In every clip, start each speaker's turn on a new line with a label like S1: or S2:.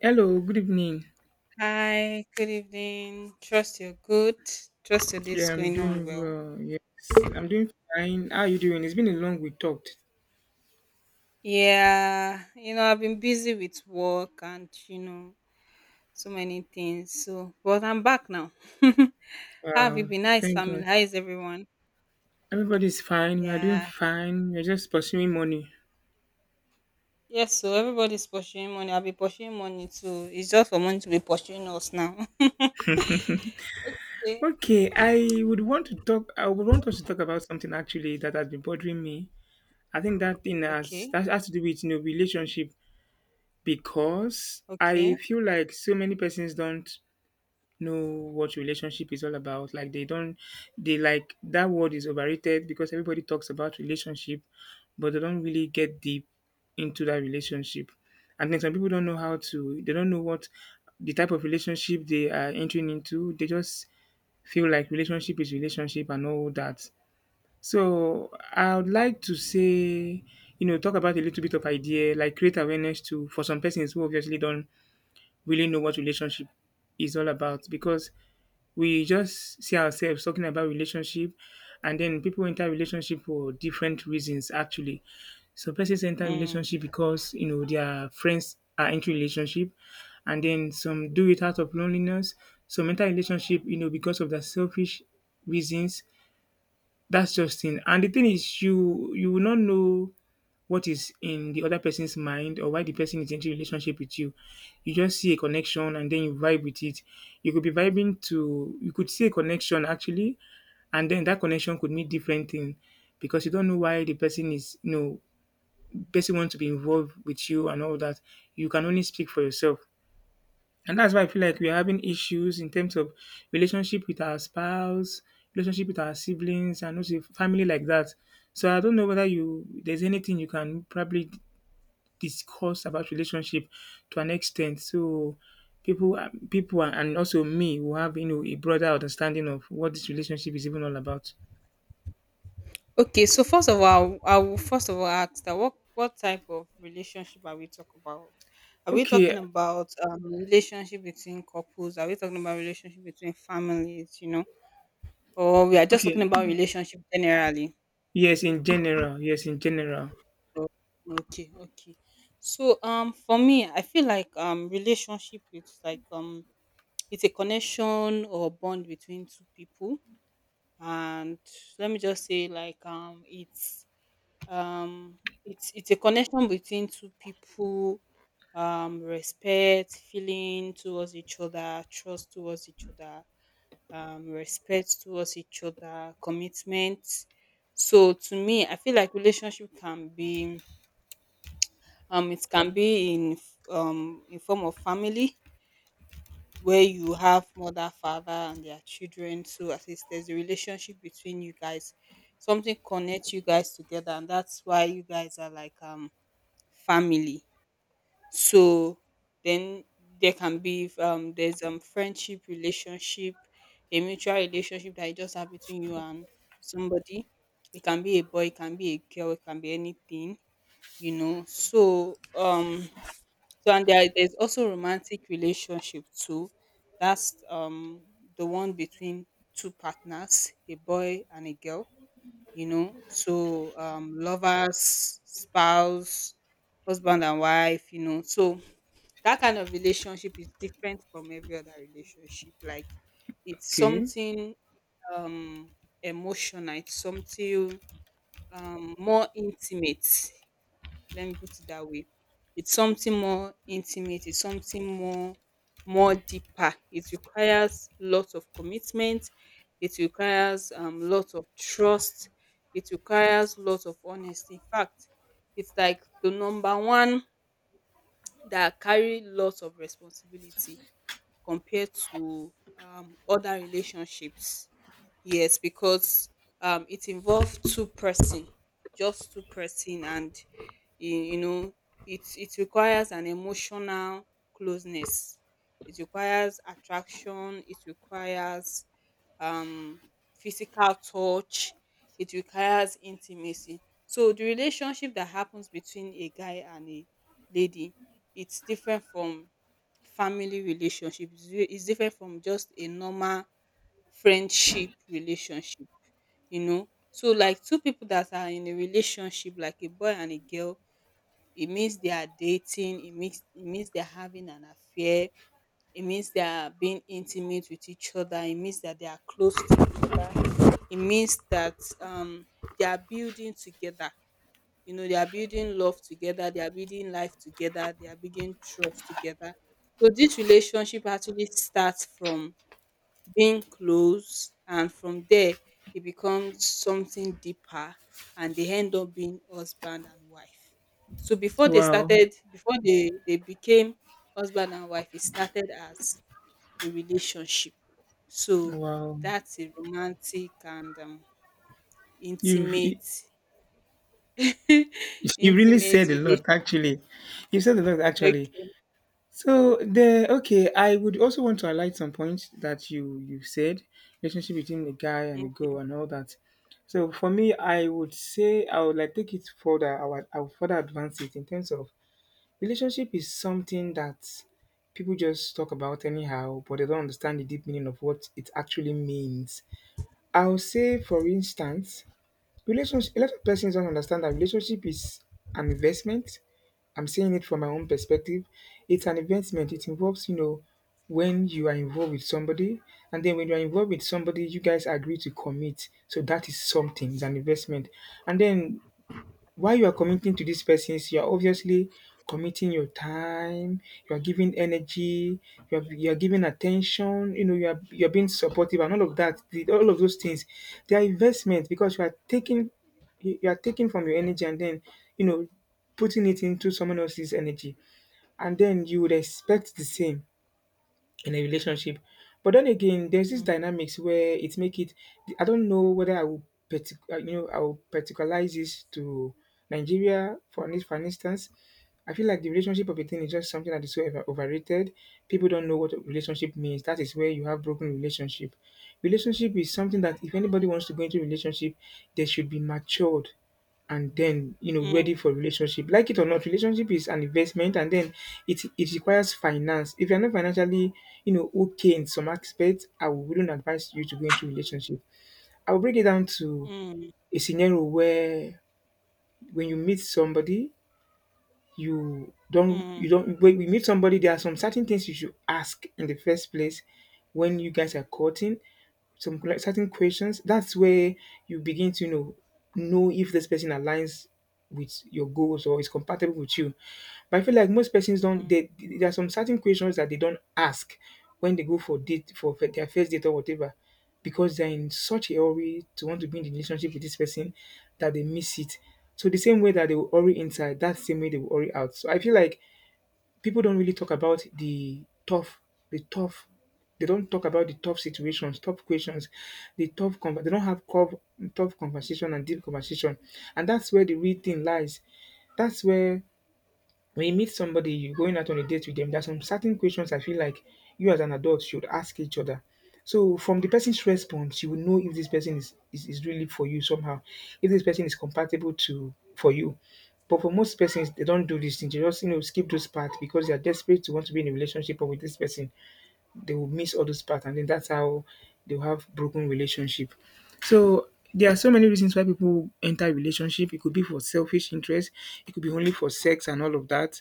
S1: Hello, good evening.
S2: Hi, good evening. Trust you're good. Trust your day's
S1: Yeah, I'm
S2: going on
S1: doing
S2: well.
S1: well. Yes, I'm doing fine. How are you doing? It's been a long we talked.
S2: Yeah, I've been busy with work and so many things. So, but I'm back now. How have you
S1: Uh,
S2: been? Nice
S1: thank
S2: family.
S1: God.
S2: How is everyone?
S1: Everybody's fine. We are doing
S2: Yeah.
S1: fine. We're just pursuing money.
S2: Yes, so everybody's pursuing money. I'll be pursuing money too. It's just for money to be pursuing us now. Okay.
S1: Okay, I would want to talk. I would want us to talk about something actually that has been bothering me. I think that thing
S2: Okay.
S1: has to do with you know relationship because I
S2: Okay.
S1: feel like so many persons don't know what relationship is all about. Like they don't, they like that word is overrated because everybody talks about relationship, but they don't really get deep into that relationship. And then some people don't know how to, they don't know what the type of relationship they are entering into. They just feel like relationship is relationship and all that. So I would like to say, you know, talk about a little bit of idea, like create awareness to for some persons who obviously don't really know what relationship is all about because we just see ourselves talking about relationship, and then people enter relationship for different reasons. Actually, some persons enter
S2: Mm.
S1: relationship because you know their friends are into relationship, and then some do it out of loneliness. Some enter relationship you know because of their selfish reasons. That's just it, and the thing is you will not know what is in the other person's mind or why the person is into a relationship with you. You just see a connection and then you vibe with it. You could be vibing to you could see a connection actually, and then that connection could mean different thing because you don't know why the person is you know person wants to be involved with you and all that. You can only speak for yourself. And that's why I feel like we're having issues in terms of relationship with our spouse, relationship with our siblings, and also family like that. So I don't know whether you there's anything you can probably discuss about relationship to an extent. So people, and also me will have you know a broader understanding of what this relationship is even all about.
S2: Okay, so first of all, I will first of all ask that what type of relationship are we talking about? Are we
S1: Okay,
S2: talking about relationship between couples? Are we talking about relationship between families? Or we are just talking
S1: okay,
S2: about relationship generally?
S1: yes, in general, yes, in general.
S2: So, okay, okay. So, for me, I feel like relationship, it's like it's a connection or bond between two people. And let me just say, like, it's, it's a connection between two people, respect, feeling towards each other, trust towards each other, respect towards each other, commitment. So to me, I feel like relationship can be, it can be in in form of family, where you have mother, father, and their children. So at least there's a relationship between you guys. Something connects you guys together, and that's why you guys are like family. So then there can be, there's, friendship, relationship, a mutual relationship that you just have between you and somebody. It can be a boy, it can be a girl, it can be anything. So, so and there's also romantic relationship too. That's, the one between two partners, a boy and a girl. So, lovers, spouse, husband and wife. So that kind of relationship is different from every other relationship. Like, it's
S1: Okay,
S2: something, um emotional, it's something, more intimate, let me put it that way. It's something more intimate, it's something more deeper. It requires lots of commitment, it requires lots of trust, it requires lots of honesty. In fact, it's like the number one that carry lots of responsibility compared to other relationships. Yes, because, it involved two-person, just two person, and you, you know, it requires an emotional closeness. It requires attraction. It requires, um, physical touch. It requires intimacy. So the relationship that happens between a guy and a lady, it's different from family relationship, is different from just a normal friendship relationship. So like two people that are in a relationship, like a boy and a girl, it means they are dating, it means they're having an affair, it means they are being intimate with each other, it means that they are close, it means that, um they are building together. You know, they are building love together, they are building life together, they are building trust together. So this relationship actually starts from being close, and from there it becomes something deeper, and they end up being husband and wife. So before they
S1: wow,
S2: started before they they became husband and wife, it started as a relationship. So
S1: wow.
S2: that's a romantic and,
S1: You've
S2: intimate
S1: You really
S2: intimate
S1: said a
S2: relationship.
S1: lot, actually. You said a lot, actually.
S2: Okay,
S1: So the okay, I would also want to highlight some points that you said, relationship between the guy and the
S2: okay.
S1: girl and all that. So for me, I would say I would like take it further. I would further advance it in terms of relationship is something that people just talk about anyhow, but they don't understand the deep meaning of what it actually means. I'll say, for instance, relationship. A lot of persons don't understand that relationship is an investment. I'm saying it from my own perspective. It's an investment. It involves, you know, when you are involved with somebody, and then when you are involved with somebody, you guys agree to commit. So that is something. It's an investment. And then while you are committing to this person?s you are obviously committing your time, you are giving energy, you are giving attention, you know, you're being supportive and all of that, all of those things. They are investment because you are taking you are taking from your energy and then, you know, putting it into someone else's energy. And then you would expect the same in a relationship. But then again, there's this
S2: Mm,
S1: dynamics where it make it. I don't know whether I will, you know, I will particularize this to Nigeria for this, for an instance. I feel like the relationship of a thing is just something that is so overrated. People don't know what a relationship means. That is where you have broken relationship. Relationship is something that if anybody wants to go into relationship, they should be matured and then you know ready
S2: mm,
S1: for relationship. Like it or not, relationship is an investment, and then it requires finance. If you're not financially you know okay in some aspects, I wouldn't advise you to go into relationship. I'll break it down to
S2: mm,
S1: a scenario where when you meet somebody,
S2: mm,
S1: you don't when you meet somebody, there are some certain things you should ask in the first place. When you guys are courting, some like certain questions. That's where you begin to you know if this person aligns with your goals or is compatible with you. But I feel like most persons don't.
S2: mm,
S1: They there are some certain questions that they don't ask when they go for date for their first date or whatever, because they're in such a hurry to want to be in the relationship with this person that they miss it. So the same way that they will hurry inside, that same way they will hurry out. So I feel like people don't really talk about the tough. They don't talk about the tough situations, tough questions, the tough. They don't have tough conversation and deep conversation, and that's where the real thing lies. That's where when you meet somebody, you're going out on a date with them, there's some certain questions I feel like you as an adult should ask each other. So from the person's response, you will know if this person is really for you somehow, if this person is compatible to for you. But for most persons, they don't do these things. They just you know skip those parts because they are desperate to want to be in a relationship or with this person. They will miss all those parts, and then that's how they'll have broken relationship. So there are so many reasons why people enter a relationship. It could be for selfish interest, it could be only for sex and all of that.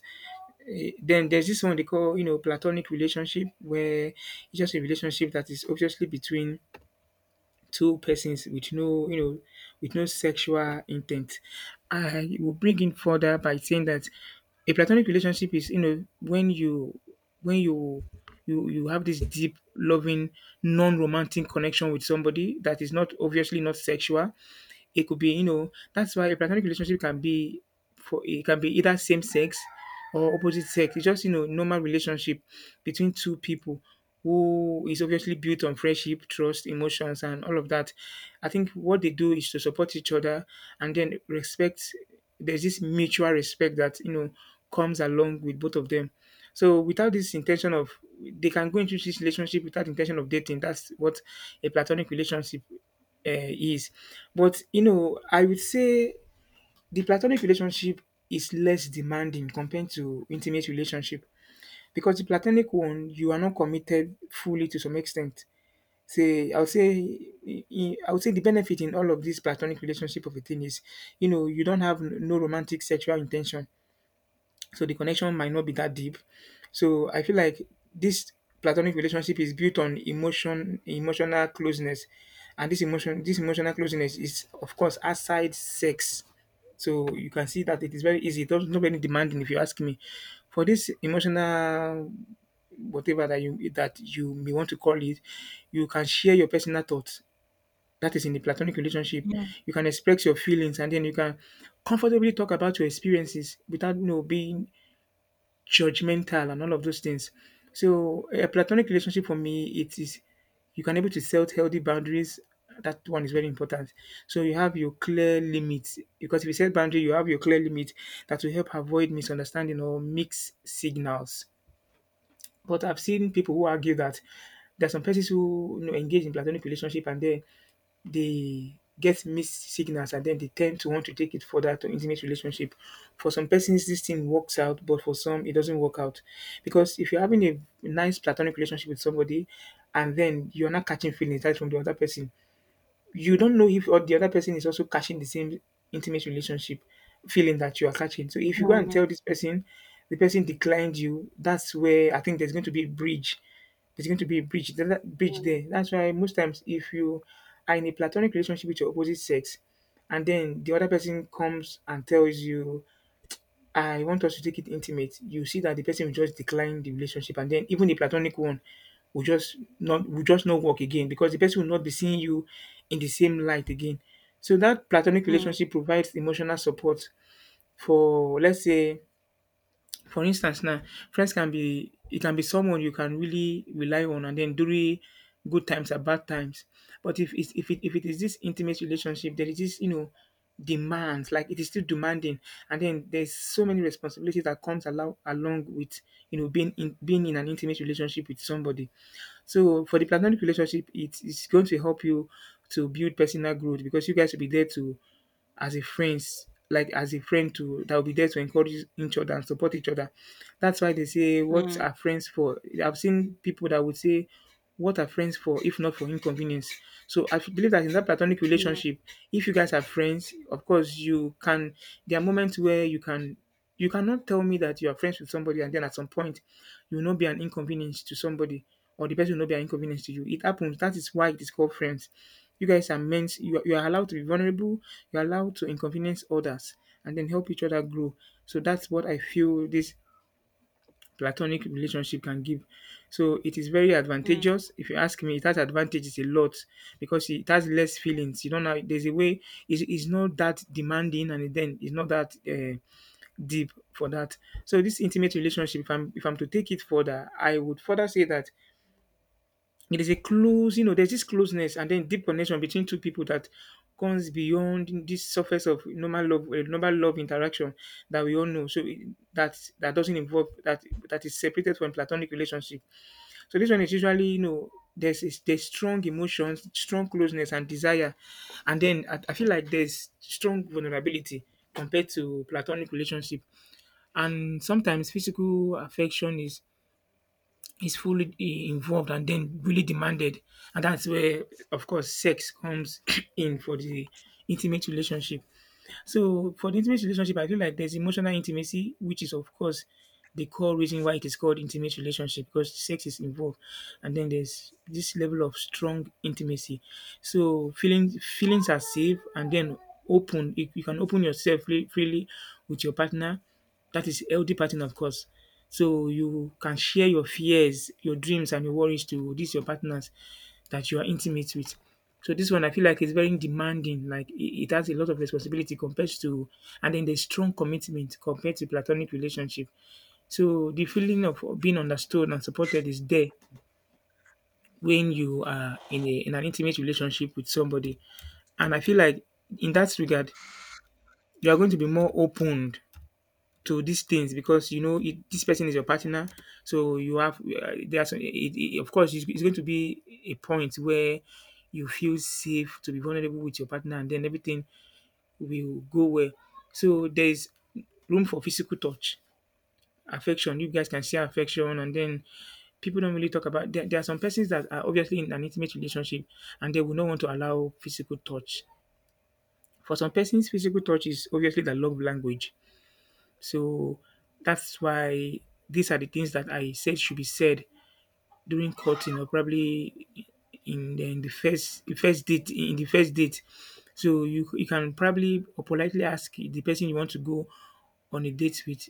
S1: Then there's this one they call, you know, platonic relationship, where it's just a relationship that is obviously between two persons with no, you know, with no sexual intent. I will bring in further by saying that a platonic relationship is, you know, when you have this deep, loving, non-romantic connection with somebody that is not obviously not sexual. It could be, you know, that's why a platonic relationship can be for it can be either same sex or opposite sex. It's just, you know, normal relationship between two people who is obviously built on friendship, trust, emotions, and all of that. I think what they do is to support each other and then respect. There's this mutual respect that you know comes along with both of them. So without this intention of, they can go into this relationship without intention of dating. That's what a platonic relationship is. But you know, I would say the platonic relationship is less demanding compared to intimate relationship because the platonic one you are not committed fully to some extent. Say, I would say, I would say the benefit in all of this platonic relationship of a thing is, you know, you don't have no romantic sexual intention, so the connection might not be that deep. So I feel like this platonic relationship is built on emotion, emotional closeness, and this emotion, this emotional closeness is of course outside sex. So you can see that it is very easy. It's not very demanding, if you ask me. For this emotional whatever that you may want to call it, you can share your personal thoughts. That is in the platonic relationship.
S2: mm,
S1: You can express your feelings, and then you can comfortably talk about your experiences without you know being judgmental and all of those things. So a platonic relationship for me, it is you can able to set healthy boundaries. That one is very important. So you have your clear limits because if you set boundary, you have your clear limit that will help avoid misunderstanding or mixed signals. But I've seen people who argue that there are some persons who you know, engage in platonic relationship and then they get mixed signals and then they tend to want to take it further to intimate relationship. For some persons, this thing works out, but for some, it doesn't work out. Because if you're having a nice platonic relationship with somebody and then you're not catching feelings right from the other person, you don't know if or the other person is also catching the same intimate relationship feeling that you are catching. So if you go and
S2: mm,
S1: tell this person, the person declined you, that's where I think there's going to be a bridge. There's going to be a bridge. There's that bridge
S2: mm,
S1: there. That's why most times if you are in a platonic relationship with your opposite sex, and then the other person comes and tells you I want us to take it intimate, you see that the person will just decline the relationship and then even the platonic one will just not work again because the person will not be seeing you in the same light again. So that platonic
S2: mm,
S1: relationship provides emotional support for let's say for instance now, friends can be it can be someone you can really rely on and then during good times and bad times. But if it is this intimate relationship, there is this, you know, demands, like it is still demanding. And then there's so many responsibilities that comes allow along with, you know, being in an intimate relationship with somebody. So for the platonic relationship, it is going to help you to build personal growth because you guys will be there to as a friends, like as a friend to that will be there to encourage each other and support each other. That's why they say, "What
S2: mm,
S1: are friends for?" I've seen people that would say, "What are friends for if not for inconvenience?" So I believe that in that platonic
S2: mm,
S1: relationship, if you guys are friends, of course you can. There are moments where you can. You cannot tell me that you are friends with somebody and then at some point you will not be an inconvenience to somebody or the person will not be an inconvenience to you. It happens. That is why it is called friends. You guys are meant, you are allowed to be vulnerable, you're allowed to inconvenience others and then help each other grow. So that's what I feel this platonic relationship can give. So it is very
S2: mm.
S1: advantageous. If you ask me, it has advantages a lot because it has less feelings. You don't know, there's a way, it's not that demanding and then it's not that deep for that. So this intimate relationship, if I'm to take it further, I would further say that it is a close, you know, there's this closeness and then deep connection between two people that comes beyond this surface of normal love interaction that we all know. That doesn't involve that is separated from platonic relationship. So this one is usually, you know, there's strong emotions, strong closeness and desire, and then I feel like there's strong vulnerability compared to platonic relationship, and sometimes physical affection is involved and then really demanded, and that's where of course sex comes in for the intimate relationship. So for the intimate relationship, I feel like there's emotional intimacy, which is of course the core reason why it is called intimate relationship because sex is involved, and then there's this level of strong intimacy. So feelings are safe, and then open you can open yourself freely with your partner. That is healthy pattern, of course. So you can share your fears, your dreams, and your worries to these your partners that you are intimate with. So this one I feel like is very demanding. Like it has a lot of responsibility compared to, and then there's strong commitment compared to platonic relationship. So the feeling of being understood and supported is there when you are in a in an intimate relationship with somebody. And I feel like in that regard, you are going to be more opened to these things because you know it, this person is your partner. So you have there's of course it's going to be a point where you feel safe to be vulnerable with your partner, and then everything will go well. So there's room for physical touch, affection. You guys can share affection, and then people don't really talk about. There are some persons that are obviously in an intimate relationship, and they will not want to allow physical touch. For some persons, physical touch is obviously the love language. So that's why these are the things that I said should be said during courting or probably in the first date in the first date. So you can probably or politely ask the person you want to go on a date with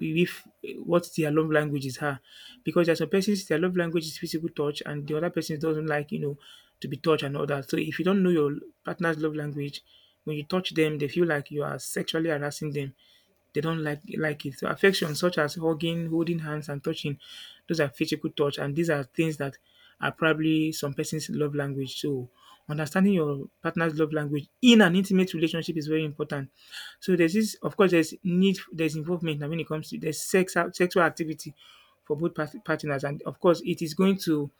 S1: if what their love language is her, because there's some persons their love language is physical touch and the other person doesn't like, you know, to be touched and all that. So if you don't know your partner's love language, when you touch them they feel like you are sexually harassing them. They don't like it. So affections such as hugging, holding hands, and touching, those are physical touch, and these are things that are probably some person's love language. So understanding your partner's love language in an intimate relationship is very important. So there's this, of course, there's involvement. And when it comes to there's sex, sexual activity for both partners, and of course, it is going to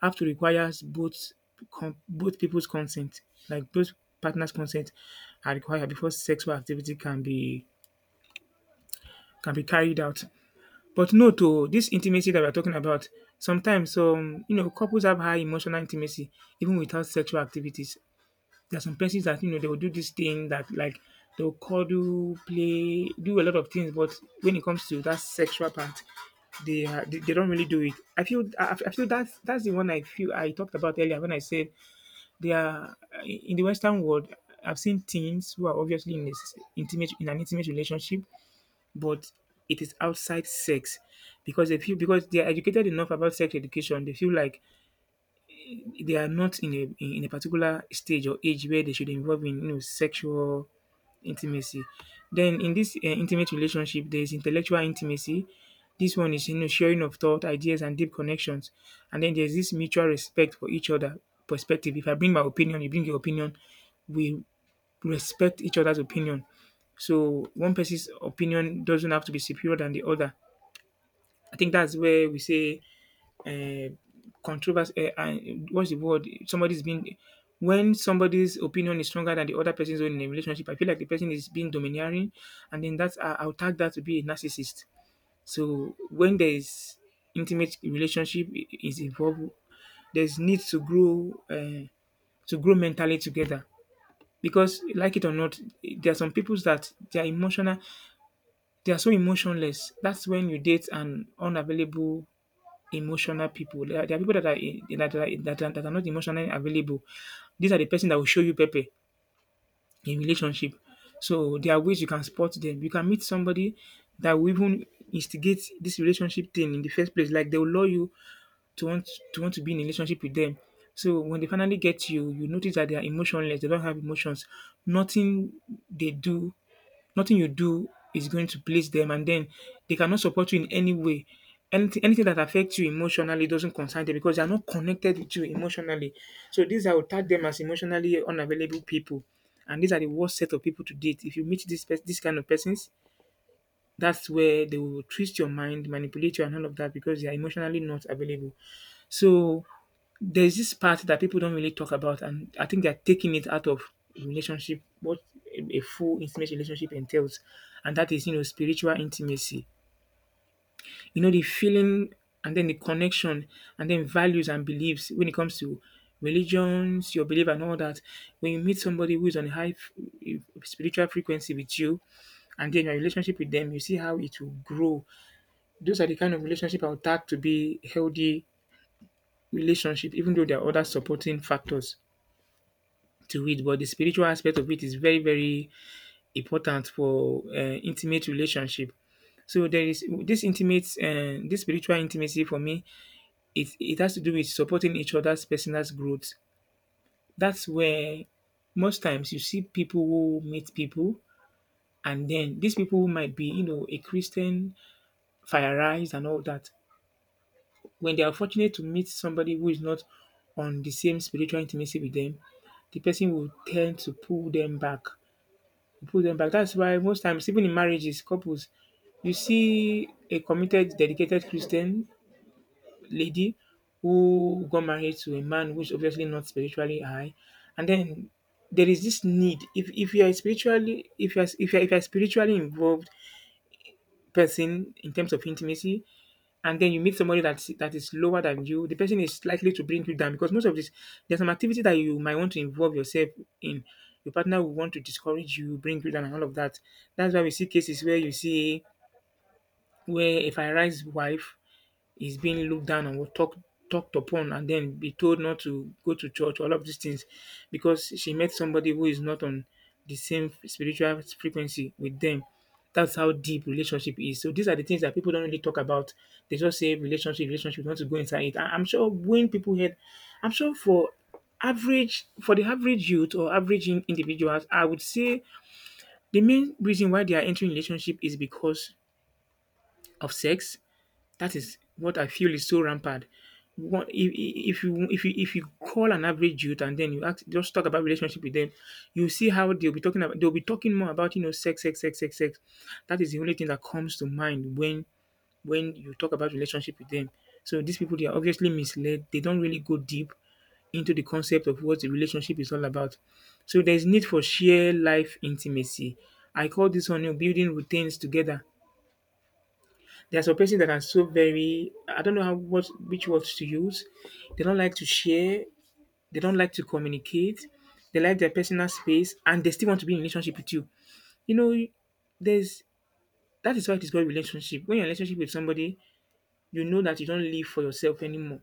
S1: have to require both both people's consent, like both partners' consent are required before sexual activity can be carried out. But no, to this intimacy that we're talking about, sometimes you know couples have high emotional intimacy even without sexual activities. There are some persons that you know they will do this thing that like they'll cuddle, play, do a lot of things, but when it comes to that sexual part, they don't really do it. I feel that's the one I feel I talked about earlier when I said they are in the Western world. I've seen teens who are obviously in this intimate in an intimate relationship, but it is outside sex because they feel, because they are educated enough about sex education, they feel like they are not in a in a particular stage or age where they should involve in, you know, sexual intimacy. Then in this intimate relationship there's intellectual intimacy. This one is, you know, sharing of thought ideas and deep connections, and then there's this mutual respect for each other perspective. If I bring my opinion, you bring your opinion, we respect each other's opinion. So one person's opinion doesn't have to be superior than the other. I think that's where we say uh, controversy. What's the word? Somebody's being, when somebody's opinion is stronger than the other person's own in a relationship, I feel like the person is being domineering, and then that's I'll tag that to be a narcissist. So when there is intimate relationship is involved, there's need to grow mentally together. Because like it or not, there are some people that they are emotional, they are so emotionless. That's when you date an unavailable emotional people. There are people that are, that are not emotionally available. These are the person that will show you pepe in relationship. So there are ways you can spot them. You can meet somebody that will even instigate this relationship thing in the first place. Like they will lure you to want to be in a relationship with them. So when they finally get you, you notice that they are emotionless. They don't have emotions. Nothing they do Nothing you do is going to please them, and then they cannot support you in any way. Anything that affects you emotionally doesn't concern them because they are not connected with you emotionally. So these I would tag them as emotionally unavailable people. And these are the worst set of people to date. If you meet this kind of persons, that's where they will twist your mind, manipulate you and all of that because they are emotionally not available. So there's this part that people don't really talk about, and I think they're taking it out of relationship, what a full intimate relationship entails, and that is, you know, spiritual intimacy. You know, the feeling and then the connection and then values and beliefs when it comes to religions, your belief and all that. When you meet somebody who is on a high spiritual frequency with you, and then your relationship with them, you see how it will grow. Those are the kind of relationship I would tag to be healthy relationship, even though there are other supporting factors to it, but the spiritual aspect of it is very, very important for intimate relationship. So there is this intimate, this spiritual intimacy for me. It has to do with supporting each other's personal growth. That's where most times you see people who meet people, and then these people might be, you know, a Christian, fireized, and all that. When they are fortunate to meet somebody who is not on the same spiritual intimacy with them, the person will tend to pull them back. That's why most times, even in marriages, couples, you see a committed, dedicated Christian lady who got married to a man who's obviously not spiritually high, and then there is this need. If you are spiritually, if you are if you are, if you are spiritually involved person in terms of intimacy, and then you meet somebody that is lower than you, the person is likely to bring you down because most of this there's some activity that you might want to involve yourself in. Your partner will want to discourage you, bring you down, and all of that. That's why we see cases where you see where a Fari's wife is being looked down on or talked upon and then be told not to go to church, all of these things, because she met somebody who is not on the same spiritual frequency with them. That's how deep relationship is. So these are the things that people don't really talk about. They just say relationship, relationship, you want to go inside it. I'm sure when people heard, I'm sure for average for the average youth or average individuals, I would say the main reason why they are entering relationship is because of sex, that is what I feel is so rampant. What if, if you call an average youth and then you ask just talk about relationship with them, you see how they'll be talking about they'll be talking more about, you know, sex, sex, sex, sex, sex. That is the only thing that comes to mind when you talk about relationship with them. So these people, they are obviously misled. They don't really go deep into the concept of what the relationship is all about. So there's need for sheer life intimacy. I call this one, you know, building routines together. There are some persons that are so very, I don't know how what which words to use. They don't like to share, they don't like to communicate, they like their personal space and they still want to be in a relationship with you. You know, there's that is why it is called relationship. When you're in a relationship with somebody, you know that you don't live for yourself anymore.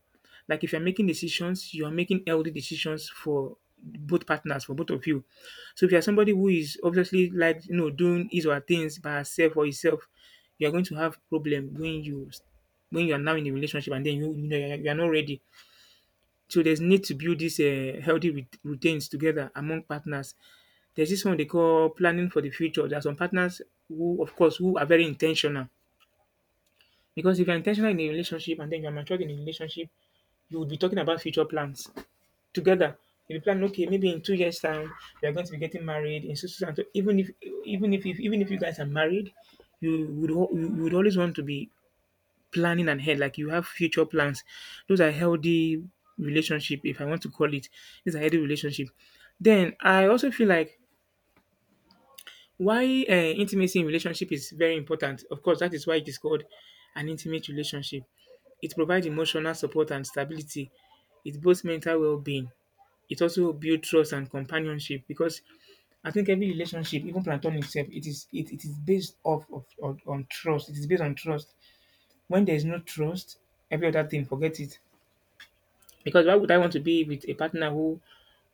S1: Like if you're making decisions, you're making healthy decisions for both partners, for both of you. So if you're somebody who is obviously like, you know, doing his or her things by herself or himself, you're going to have problem when you are now in a relationship and then you know, you're not ready. So there's need to build these healthy routines together among partners. There's this one they call planning for the future. There are some partners who, of course, who are very intentional. Because if you're intentional in a relationship and then you're matured in a relationship, you would be talking about future plans together. You'll be planning, okay, maybe in 2 years' time we are going to be getting married. In so, so, so, and so. Even if even if you guys are married, you you would always want to be planning ahead. Like you have future plans. Those are healthy relationship, if I want to call it. It's a healthy relationship. Then I also feel like why intimacy in relationship is very important. Of course, that is why it is called an intimate relationship. It provides emotional support and stability. It boosts mental well-being, it also builds trust and companionship because I think every relationship, even platonic itself, it is based off of on trust. It is based on trust. When there is no trust, every other thing, forget it. Because why would I want to be with a partner who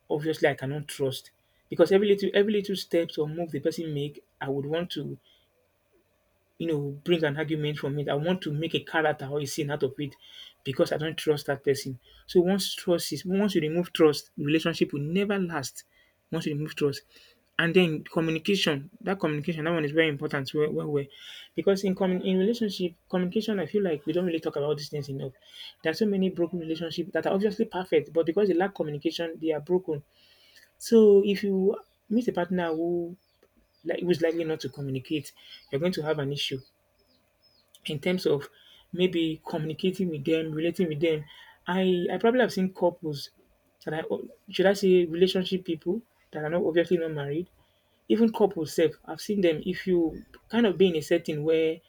S1: obviously I cannot trust? Because every little steps or move the person make, I would want to, you know, bring an argument from it. I want to make a character or a scene out of it because I don't trust that person. So once trust is once you remove trust, relationship will never last. Once you remove trust. And then communication, that one is very important. Where, well, well, because in in relationship communication, I feel like we don't really talk about these things enough. There are so many broken relationships that are obviously perfect, but because they lack communication, they are broken. So if you meet a partner who like who's likely not to communicate, you're going to have an issue in terms of maybe communicating with them, relating with them. I probably have seen couples that I should I say relationship people that are not obviously not married, even couples self. I've seen them if you kind of be in a setting where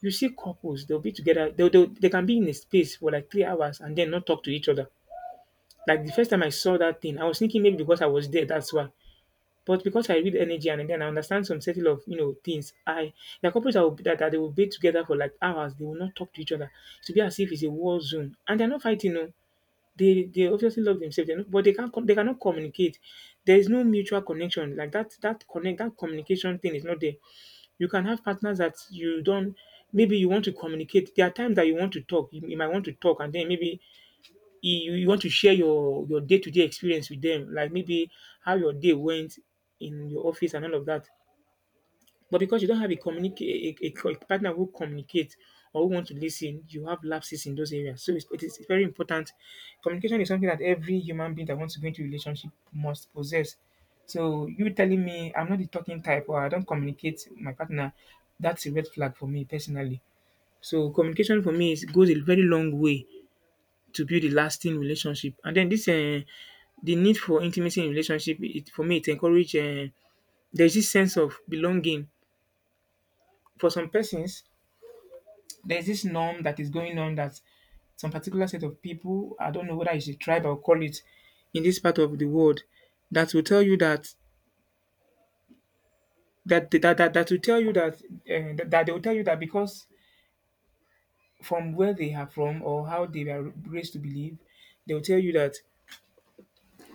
S1: you see couples, they'll be together, they can be in a space for like 3 hours and then not talk to each other. Like the first time I saw that thing, I was thinking maybe because I was there, that's why. But because I read energy and then I understand some setting of, you know, things, I there are couples that, will, that, that they will be together for like hours. They will not talk to each other. To be as if it's a war zone, and they're not fighting. No, they obviously love themselves, they know, but they can't com- they cannot communicate. There is no mutual connection like that. That connect that communication thing is not there. You can have partners that you don't. Maybe you want to communicate. There are times that you want to talk. You might want to talk, and then maybe you want to share your day-to-day experience with them, like maybe how your day went in your office and all of that. But because you don't have a communicate a co- a partner who communicates or who want to listen, you have lapses in those areas. So it is very important. Communication is something that every human being that wants to go into a relationship must possess. So you telling me I'm not the talking type or I don't communicate with my partner, that's a red flag for me personally. So communication for me is, goes a very long way to build a lasting relationship. And then this the need for intimacy in relationship, it for me it encourage there's this sense of belonging. For some persons, there's this norm that is going on that some particular set of people, I don't know whether it's a tribe or call it, in this part of the world, that will tell you that that will tell you that that they will tell you that because from where they are from or how they were raised to believe, they will tell you that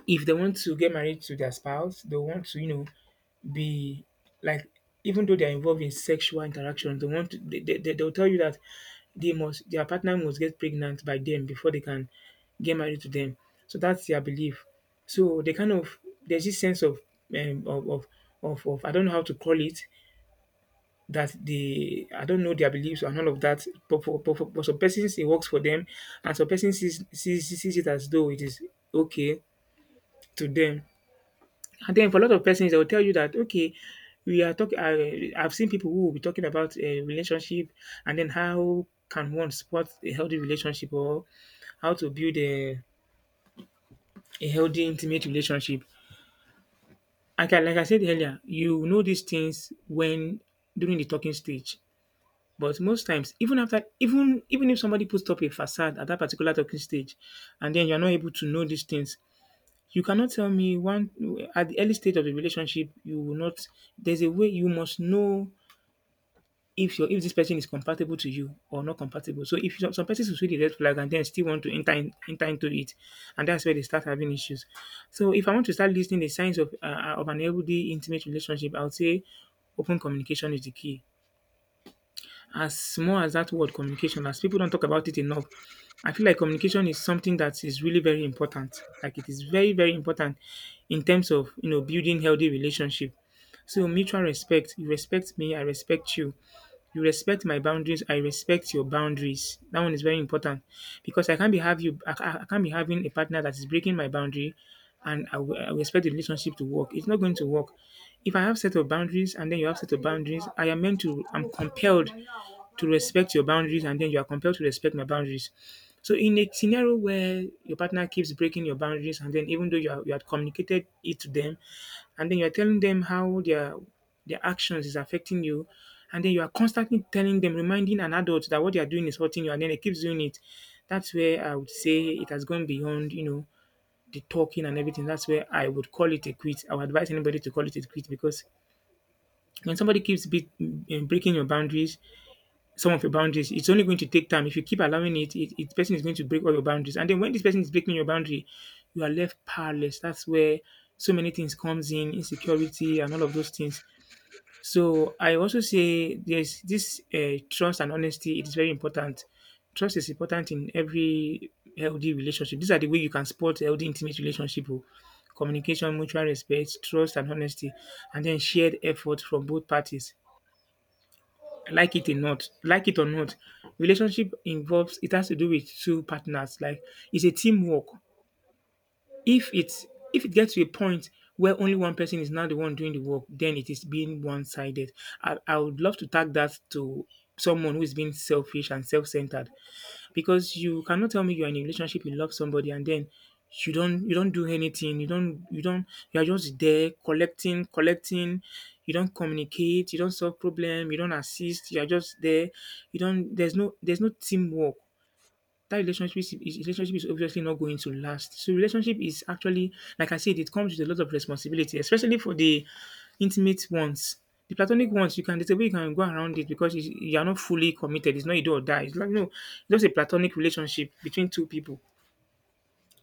S1: if they want to get married to their spouse, they want to, you know, be like, even though they're involved in sexual interaction, they want to, they'll tell you that they must their partner must get pregnant by them before they can get married to them. So that's their belief. So they kind of there's this sense of um, of, of of I don't know how to call it that they I don't know their beliefs and all of that. But some persons it works for them, and some persons sees it as though it is okay to them. And then for a lot of persons, they will tell you that okay, we are talking. I've seen people who will be talking about a relationship, and then how can one support a healthy relationship or how to build a healthy intimate relationship. Like like I said earlier, you know these things when during the talking stage. But most times, even after, even if somebody puts up a facade at that particular talking stage, and then you're not able to know these things, you cannot tell me one at the early stage of the relationship you will not there's a way you must know if your if this person is compatible to you or not compatible. So if some some persons will see the red flag and then still want to enter into it, and that's where they start having issues. So if I want to start listing the signs of an healthy intimate relationship, I would say open communication is the key. As small as that word communication, as people don't talk about it enough, I feel like communication is something that is really very important. Like it is very, very important in terms of, you know, building healthy relationship. So mutual respect, you respect me, I respect you. You respect my boundaries, I respect your boundaries. That one is very important because I can't be have you I, ca- I can't be having a partner that is breaking my boundary and I will expect the relationship to work. It's not going to work. If I have set of boundaries and then you have set of boundaries, I'm compelled to respect your boundaries and then you are compelled to respect my boundaries. So in a scenario where your partner keeps breaking your boundaries and then even though you had communicated it to them and then you're telling them how their actions is affecting you, and then you are constantly telling them, reminding an adult that what they are doing is hurting you, and then it keeps doing it. That's where I would say it has gone beyond, the talking and everything. That's where I would call it a quit. I would advise anybody to call it a quit because when somebody keeps breaking your boundaries, some of your boundaries. It's only going to take time. If you keep allowing it, person is going to break all your boundaries. And then when this person is breaking your boundary, you are left powerless. That's where so many things comes in, insecurity and all of those things. So I also say there's this trust and honesty. It is very important. Trust is important in every healthy relationship. These are the way you can support healthy intimate relationship. Oh. Communication, mutual respect, trust and honesty, and then shared effort from both parties, like it or not, like it or not. Relationship involves it has to do with 2 partners, like it's a teamwork. If it's if it gets to a point where only one person is now the one doing the work, then it is being one-sided. I would love to tag that to someone who is being selfish and self-centered, because you cannot tell me you're in a relationship, you love somebody, and then you don't do anything, you don't you're just there, collecting, you don't communicate, you don't solve problem, you don't assist, you're just there, you don't, there's no teamwork. That relationship is obviously not going to last. So relationship is actually, like I said, it comes with a lot of responsibility, especially for the intimate ones. The platonic ones, you can there's a way you can go around it because you are not fully committed. It's not a do or die. It's like no, it's just a platonic relationship between two people.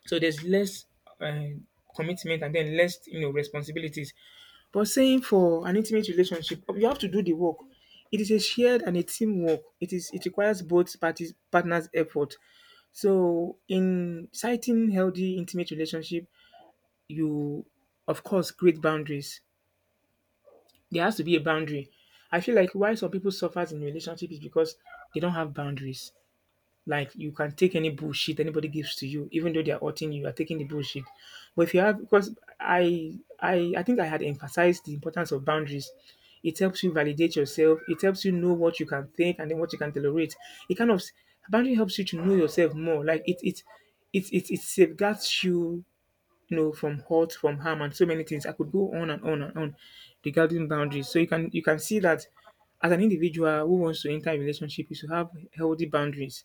S1: So there's less uh, commitment and then less, you know, responsibilities. But saying for an intimate relationship, you have to do the work. It is a shared and a teamwork. It requires both parties partners' effort. So, in citing healthy intimate relationship, you of course create boundaries. There has to be a boundary. I feel like why some people suffer in relationship is because they don't have boundaries. Like you can take any bullshit anybody gives to you, even though they are hurting you, you are taking the bullshit. But if you have, because I think I had emphasized the importance of boundaries. It helps you validate yourself. It helps you know what you can think and then what you can tolerate. It kind of Boundary helps you to know yourself more. It safeguards you, you know, from hurt, from harm, and so many things. I could go on and on and on regarding boundaries. So you can see that as an individual who wants to enter a relationship, you should have healthy boundaries.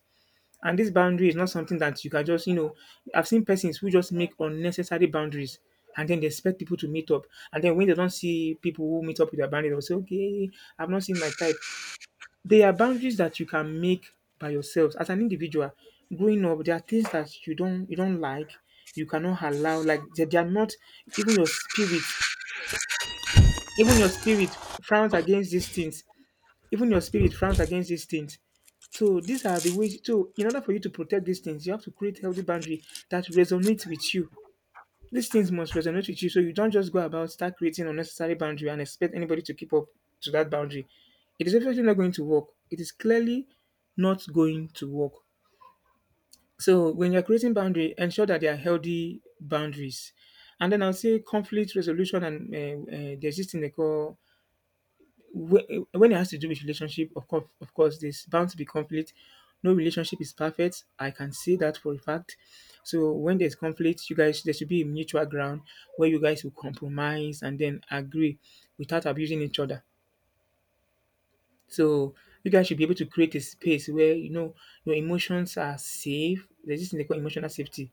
S1: And this boundary is not something that you can just, you know, I've seen persons who just make unnecessary boundaries and then they expect people to meet up. And then when they don't see people who meet up with their boundary, they'll say, okay, I've not seen my type. There are boundaries that you can make by yourselves as an individual. Growing up, there are things that you don't like, you cannot allow, like they are not even your spirit, even your spirit frowns against these things. Even your spirit frowns against these things. So these are the ways. So in order for you to protect these things, you have to create healthy boundary that resonates with you. These things must resonate with you. So you don't just go about start creating unnecessary boundary and expect anybody to keep up to that boundary. It is definitely not going to work. It is clearly not going to work. So when you're creating boundary, ensure that they are healthy boundaries. And then I'll say conflict resolution and there's this thing they call, when it has to do with relationship, of course, there's bound to be conflict. No relationship is perfect. I can say that for a fact. So when there's conflict, you guys there should be a mutual ground where you guys will compromise and then agree without abusing each other. So you guys should be able to create a space where, you know, your emotions are safe. There's this thing they call emotional safety,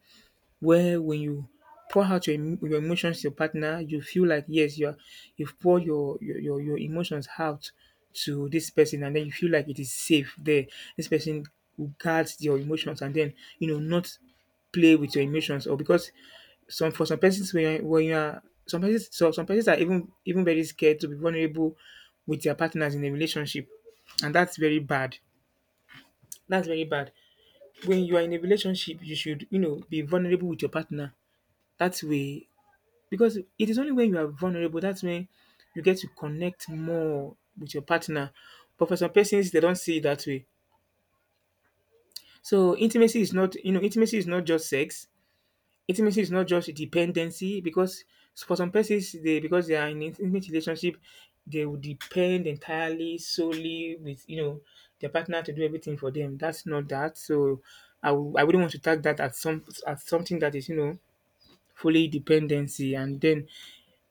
S1: where when you pour out your emotions to your partner, you feel like yes, you are, you've poured your emotions out to this person and then you feel like it is safe there. This person will guard your emotions and then, you know, not play with your emotions. Or because some persons when you're when you are some persons so some persons are even very scared to be vulnerable with their partners in a relationship, and that's very bad. That's very bad. When you are in a relationship, you should, you know, be vulnerable with your partner that way, because it is only when you are vulnerable that's when you get to connect more with your partner. But for some persons, they don't see it that way. So intimacy is not, you know, intimacy is not just sex. Intimacy is not just dependency, because for some persons, they, because they are in an intimate relationship, they will depend entirely solely with, you know, their partner to do everything for them. That's not that. So I wouldn't want to tag that as something that is, you know, fully dependency and then,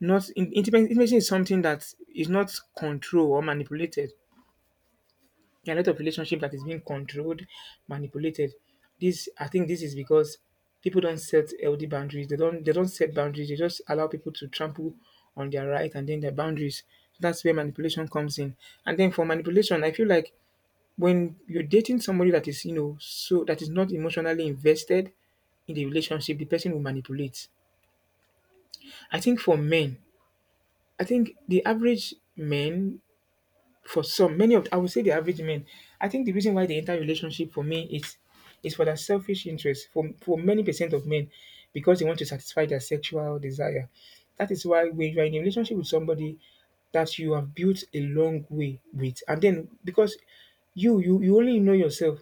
S1: not in intimacy. Intimacy is something that is not controlled or manipulated. There are a lot of relationship that is being controlled, manipulated. This I think this is because people don't set healthy boundaries. They don't set boundaries. They just allow people to trample on their right and then their boundaries. That's where manipulation comes in. And then for manipulation, I feel like when you're dating somebody that is, you know, so that is not emotionally invested in the relationship, the person will manipulate. I think for men, I think the average men, for some many of I would say the average men, I think the reason why they enter relationship for me is for their selfish interest, for many percent of men, because they want to satisfy their sexual desire. That is why when you're in a relationship with somebody that you have built a long way with, and then because you only know yourself,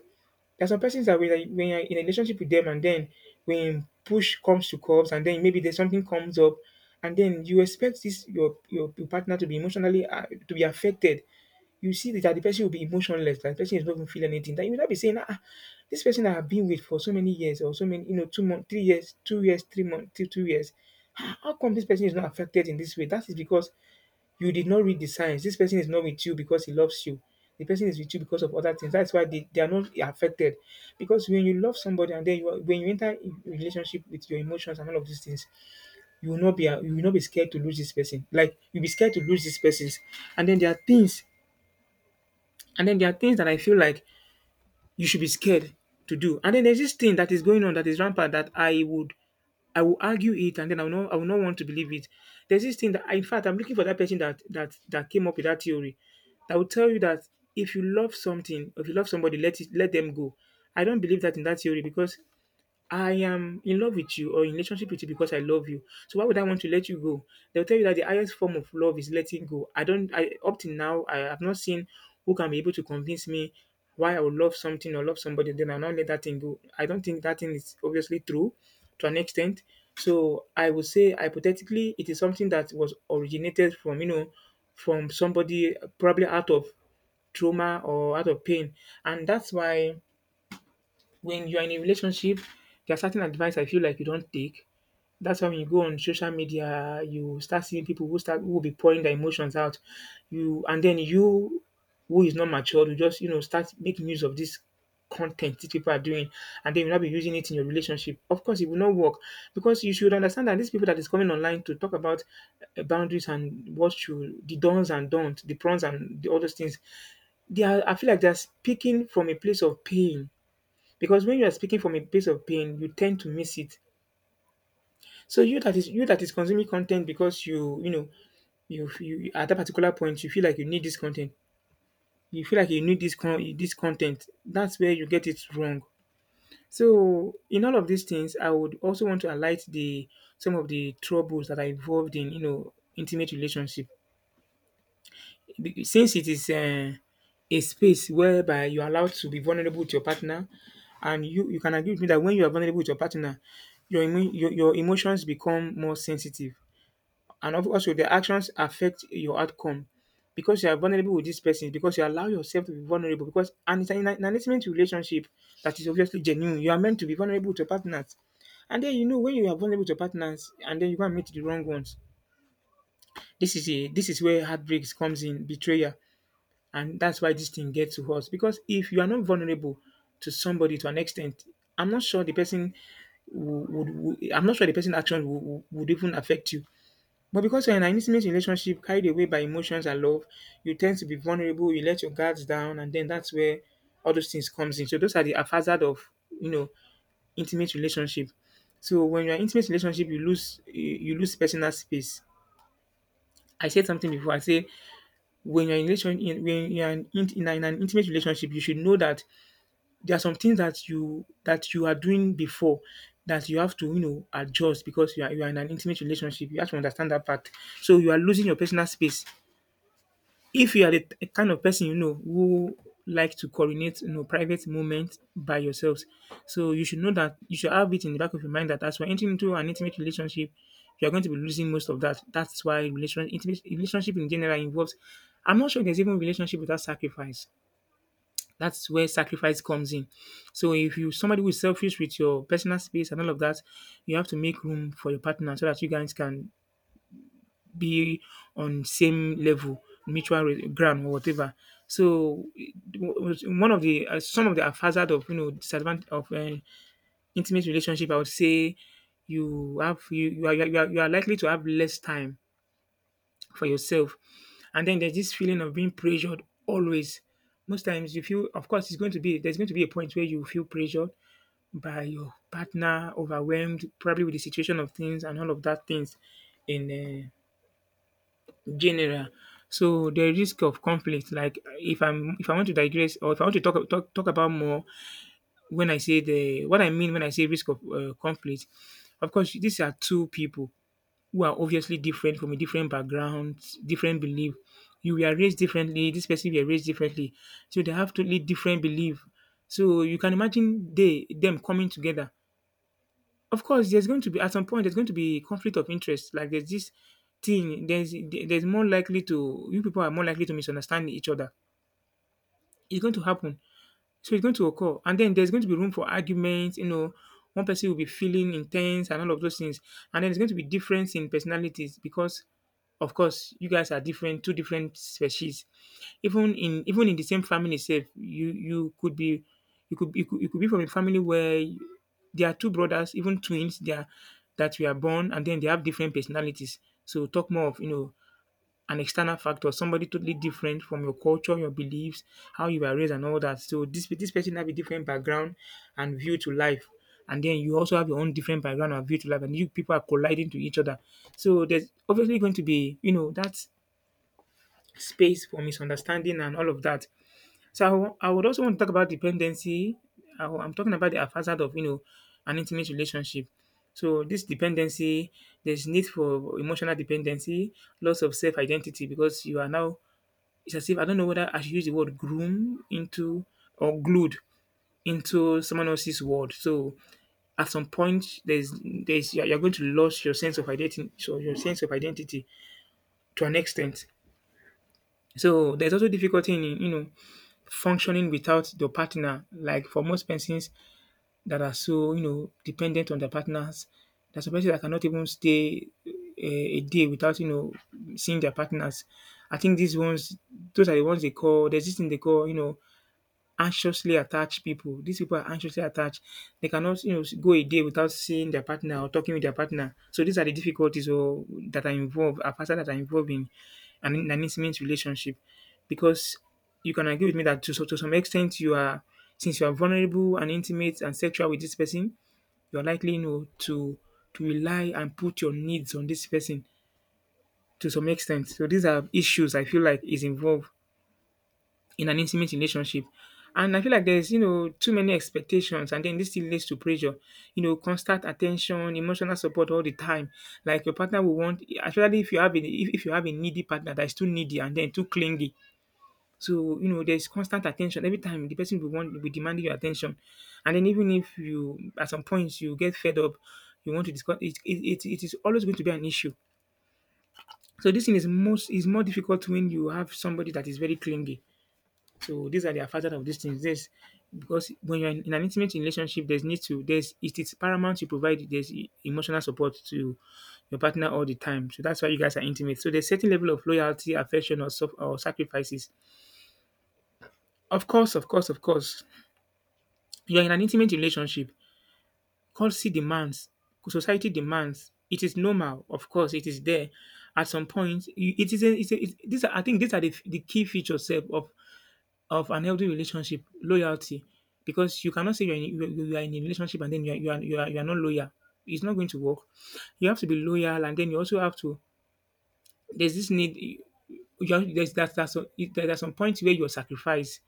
S1: there's some persons that when you're in a relationship with them, and then when push comes to curves, and then maybe there's something comes up, and then you expect your partner to be emotionally to be affected, you see that the person will be emotionless, that the person is not even feel anything. That you will not be saying, ah, this person I have been with for so many years, or so many, you know, 2 months, 3 years, 2 years, 3 months, 2 years. Ah, how come this person is not affected in this way? That is because you did not read the signs. This person is not with you because he loves you. The person is with you because of other things. That's why they are not affected. Because when you love somebody and then when you enter in relationship with your emotions and all of these things, you will not be scared to lose this person. Like you'll be scared to lose these persons. And then there are things and then there are things that I feel like you should be scared to do. And then there's this thing that is going on that is rampant that I will argue it, and then I will not want to believe it. There's this thing that in fact I'm looking for that person that came up with that theory that will tell you that if you love something, if you love somebody, let them go. I don't believe that in that theory because I am in love with you or in relationship with you because I love you. So why would I want to let you go? They'll tell you that the highest form of love is letting go. I don't I up till now I have not seen who can be able to convince me why I would love something or love somebody, then I'll not let that thing go. I don't think that thing is obviously true to an extent. So I would say hypothetically it is something that was originated from, from somebody probably out of trauma or out of pain. And that's why when you're in a relationship, there are certain advice I feel like you don't take. That's why when you go on social media, you start seeing people who will be pouring their emotions out. You and then you who is not mature, you just start making use of this content these people are doing, and then you'll not be using it in your relationship. Of course, it will not work because you should understand that these people that is coming online to talk about boundaries and what you the dons and don't, the prawns and the, all those things, they are, I feel like they're speaking from a place of pain. Because when you are speaking from a place of pain you tend to miss it, so you that is, you that is consuming content, because you know you, you at that particular point you feel like you need this content, you feel like you need this content, that's where you get it wrong. So in all of these things I would also want to highlight the some of the troubles that are involved in, intimate relationship. Since it is a space whereby you're allowed to be vulnerable with your partner, and you can agree with me that when you are vulnerable with your partner, your emotions become more sensitive. And also, the actions affect your outcome. Because you are vulnerable with this person, because you allow yourself to be vulnerable, because and it's an intimate relationship that is obviously genuine. You are meant to be vulnerable to your partners. And then you know when you are vulnerable to your partners and then you go and meet the wrong ones. This is a this is where heartbreaks comes in, betrayal. And that's why this thing gets to us. Because if you are not vulnerable to somebody to an extent, I'm not sure the person I'm not sure the person's action would even affect you. But because you're in an intimate relationship carried away by emotions and love, you tend to be vulnerable, you let your guards down, and then that's where all those things comes in. So those are the hazard of, you know intimate relationship. So when you're in intimate relationship, you lose personal space. I said something before. I say when you're in relation in when you're in an intimate relationship, you should know that there are some things that you are doing before that you have to, adjust, because you are in an intimate relationship. You have to understand that part. So you are losing your personal space. If you are the kind of person, you know, who like to coordinate, you know, private moments by yourselves, so you should know, that you should have it in the back of your mind, that as we're entering into an intimate relationship, you are going to be losing most of that. That's why relation intimate relationship in general involves. I'm not sure there's even relationship without sacrifice. That's where sacrifice comes in. So if you somebody who is selfish with your personal space and all of that, you have to make room for your partner so that you guys can be on same level, ground or whatever. So it- was one of the some of the hazard of, you know, disadvantage of intimate relationship, I would say you have you are likely to have less time for yourself, and then there's this feeling of being pressured always. Most times you feel, of course, it's going to be there's going to be a point where you feel pressured by your partner, overwhelmed probably with the situation of things and all of that things in. General. So the risk of conflict, like if I'm if I want to digress, or if I want to talk about more. When I say the what I mean when I say risk of conflict, of course these are two people who are obviously different, from a different background, different belief. You were raised differently, this person were raised differently, so they have totally different belief. So you can imagine they them coming together, of course, there's going to be, at some point there's going to be conflict of interest. Like there's this thing, there's more likely to, you people are more likely to misunderstand each other. It's going to happen. So it's going to occur. And then there's going to be room for arguments, you know, one person will be feeling intense and all of those things. And then there's going to be difference in personalities because of course you guys are different, two different species. Even in the same family itself, you could be, you could be from a family where there are two brothers, even twins, they are that we are born and then they have different personalities. So talk more of, you know, an external factor, somebody totally different from your culture, your beliefs, how you were raised and all that. So this person have a different background and view to life. And then you also have your own different background and view to life, and you people are colliding to each other. So there's obviously going to be, you know, that space for misunderstanding and all of that. So I would also want to talk about dependency. I am talking about the facade of, you know, an intimate relationship. So this dependency, there's need for emotional dependency, loss of self identity, because you are now, it's as if, I don't know whether I should use the word "groom" into or "glued" into someone else's word. So at some point, there's you're going to lose your sense of identity, so your sense of identity to an extent. So there's also difficulty in, you know, functioning without your partner. Like for most persons that are so, you know, dependent on their partners, there's a person that cannot even stay a day without, you know, seeing their partners. I think these ones, those are the ones they call. There's this thing they call, you know, anxiously attached people. These people are anxiously attached. They cannot, you know, go a day without seeing their partner or talking with their partner. So these are the difficulties or that are involved, a factor that are involved in in an intimate relationship. Because you can agree with me that to, to some extent since you are vulnerable and intimate and sexual with this person, you are likely, you know, to rely and put your needs on this person to some extent. So these are issues I feel like is involved in an intimate relationship. And I feel like there's, you know, too many expectations, and then this still leads to pressure, you know, constant attention, emotional support all the time. Like your partner will want, especially if you have a if you have a needy partner that is too needy and then too clingy. So you know, there's constant attention every time. The person will be demanding your attention, and then even if you at some points you get fed up, you want to discuss it. It is always going to be an issue. So this thing is more difficult when you have somebody that is very clingy. So these are the factors of these things. There's, because when you're in an intimate relationship, there's, it is paramount to provide, there's emotional support to your partner all the time. So that's why you guys are intimate. So there's certain level of loyalty, affection, or or sacrifices. Of course, of course, of course, you're in an intimate relationship. Courtesy demands, society demands. It is normal, of course, it is there. At some point, you- it is a, it's a, it, these are I think these are the key features sef, of an healthy relationship, loyalty, because you cannot say you are in a relationship and then you are not loyal. It's not going to work. You have to be loyal, and then you also have to. There's this need. You have, there's that that's some, There are some points where you sacrifice.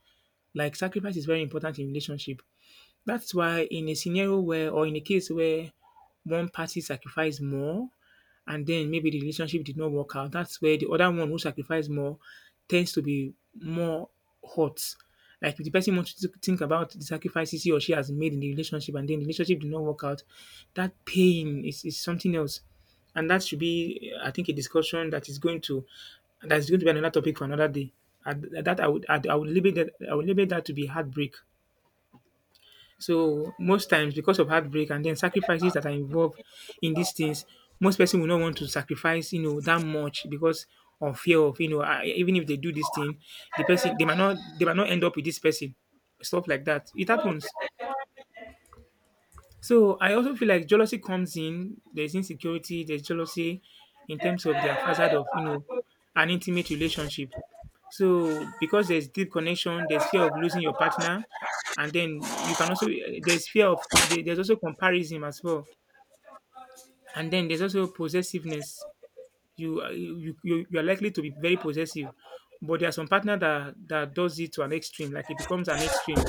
S1: Like sacrifice is very important in relationship. That's why in a scenario where or in a case where one party sacrificed more and then maybe the relationship did not work out, that's where the other one who sacrificed more tends to be more hurt. Like if the person wants to think about the sacrifices he or she has made in the relationship and then the relationship did not work out, that pain is something else. And that should be, I think, a discussion that's going to be another topic for another day. And that I would limit that I would limit that to be heartbreak. So most times because of heartbreak and then sacrifices that are involved in these things, most person will not want to sacrifice, you know, that much because of fear of, you know, even if they do this thing, the person they might not end up with this person. Stuff like that. It happens. So I also feel like jealousy comes in. There's insecurity, there's jealousy in terms of their facade of, you know, an intimate relationship. So because there's deep connection, there's fear of losing your partner, and then you can also there's fear of there's also comparison as well, and then there's also possessiveness. You are likely to be very possessive, but there are some partner that does it to an extreme, like it becomes an extreme.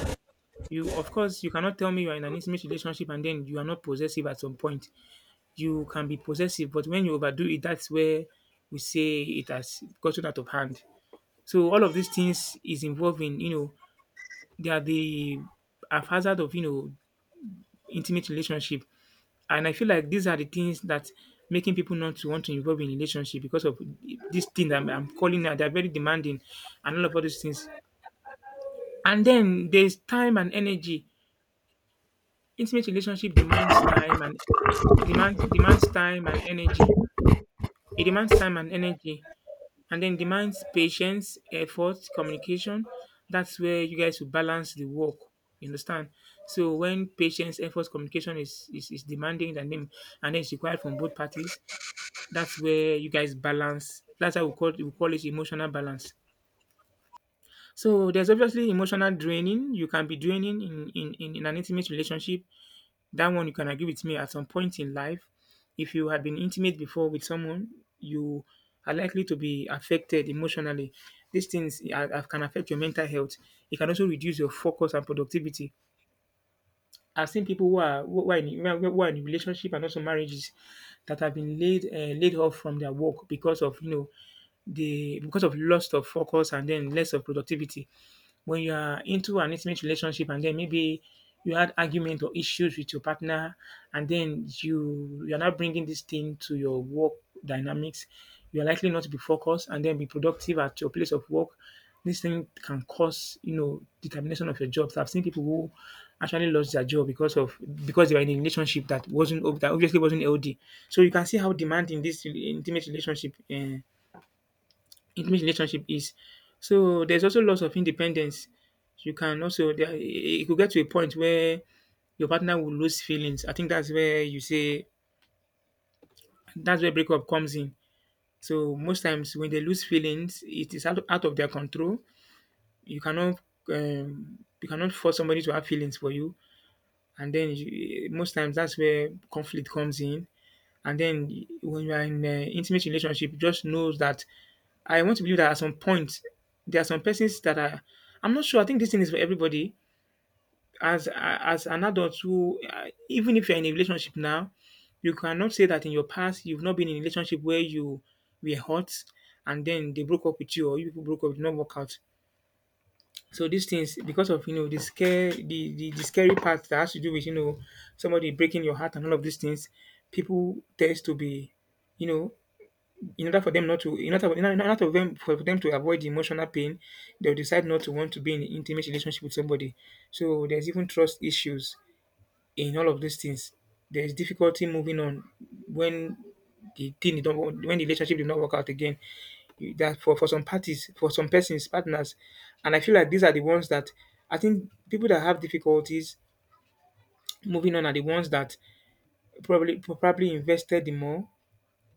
S1: You of course you cannot tell me you are in an intimate relationship and then you are not possessive at some point. You can be possessive, but when you overdo it, that's where we say it has gotten out of hand. So all of these things is involving, you know, they are the haphazard of, you know, intimate relationship. And I feel like these are the things that making people not to want to involve in relationship because of this thing that I'm calling now. They're very demanding and all those things. And then there's time and energy. Intimate relationship demands time and demands time and energy. It demands time and energy, and then demands patience, effort, communication. That's where you guys will balance the work. You understand? So when patience, effort, communication is demanding in the name and then it's required from both parties, that's where you guys balance. That's how we call it emotional balance. So there's obviously emotional draining. You can be draining in an intimate relationship. That one you can agree with me at some point in life, if you had been intimate before with someone, you are likely to be affected emotionally. These things can affect your mental health. It can also reduce your focus and productivity. I've seen people who are who are in relationship and also marriages that have been laid laid off from their work because of, you know, the because of loss of focus and then less of productivity. When you are into an intimate relationship and then maybe you had argument or issues with your partner, and then you're not bringing this thing to your work dynamics, you're likely not to be focused and then be productive at your place of work. This thing can cause, you know, the termination of your jobs. I've seen people who actually lost their job because of because they were in a relationship that wasn't, that obviously wasn't L D. So you can see how demanding this intimate relationship is. So there's also lots of independence. You can also, there it could get to a point where your partner will lose feelings. I think that's where you say that's where breakup comes in. So most times when they lose feelings, it is out of their control. You cannot you cannot force somebody to have feelings for you, and then you, most times that's where conflict comes in. And then when you are in a intimate relationship, just knows that I want to believe that at some point there are some persons that are. I'm not sure. I think this thing is for everybody. As an adult, who even if you're in a relationship now, you cannot say that in your past you've not been in a relationship where you were hurt and then they broke up with you or you people broke up, did not work out. So these things, because of, you know, the scare, the scary part that has to do with, you know, somebody breaking your heart and all of these things, people tends to be, you know, in order for them not to in order, in order for them to avoid the emotional pain, they'll decide not to want to be in an intimate relationship with somebody. So there's even trust issues in all of these things. There's difficulty moving on when the thing you don't want- when the relationship did not work out again. That for some parties for some persons partners, and I feel like these are the ones that I think people that have difficulties moving on are the ones that probably invested the more.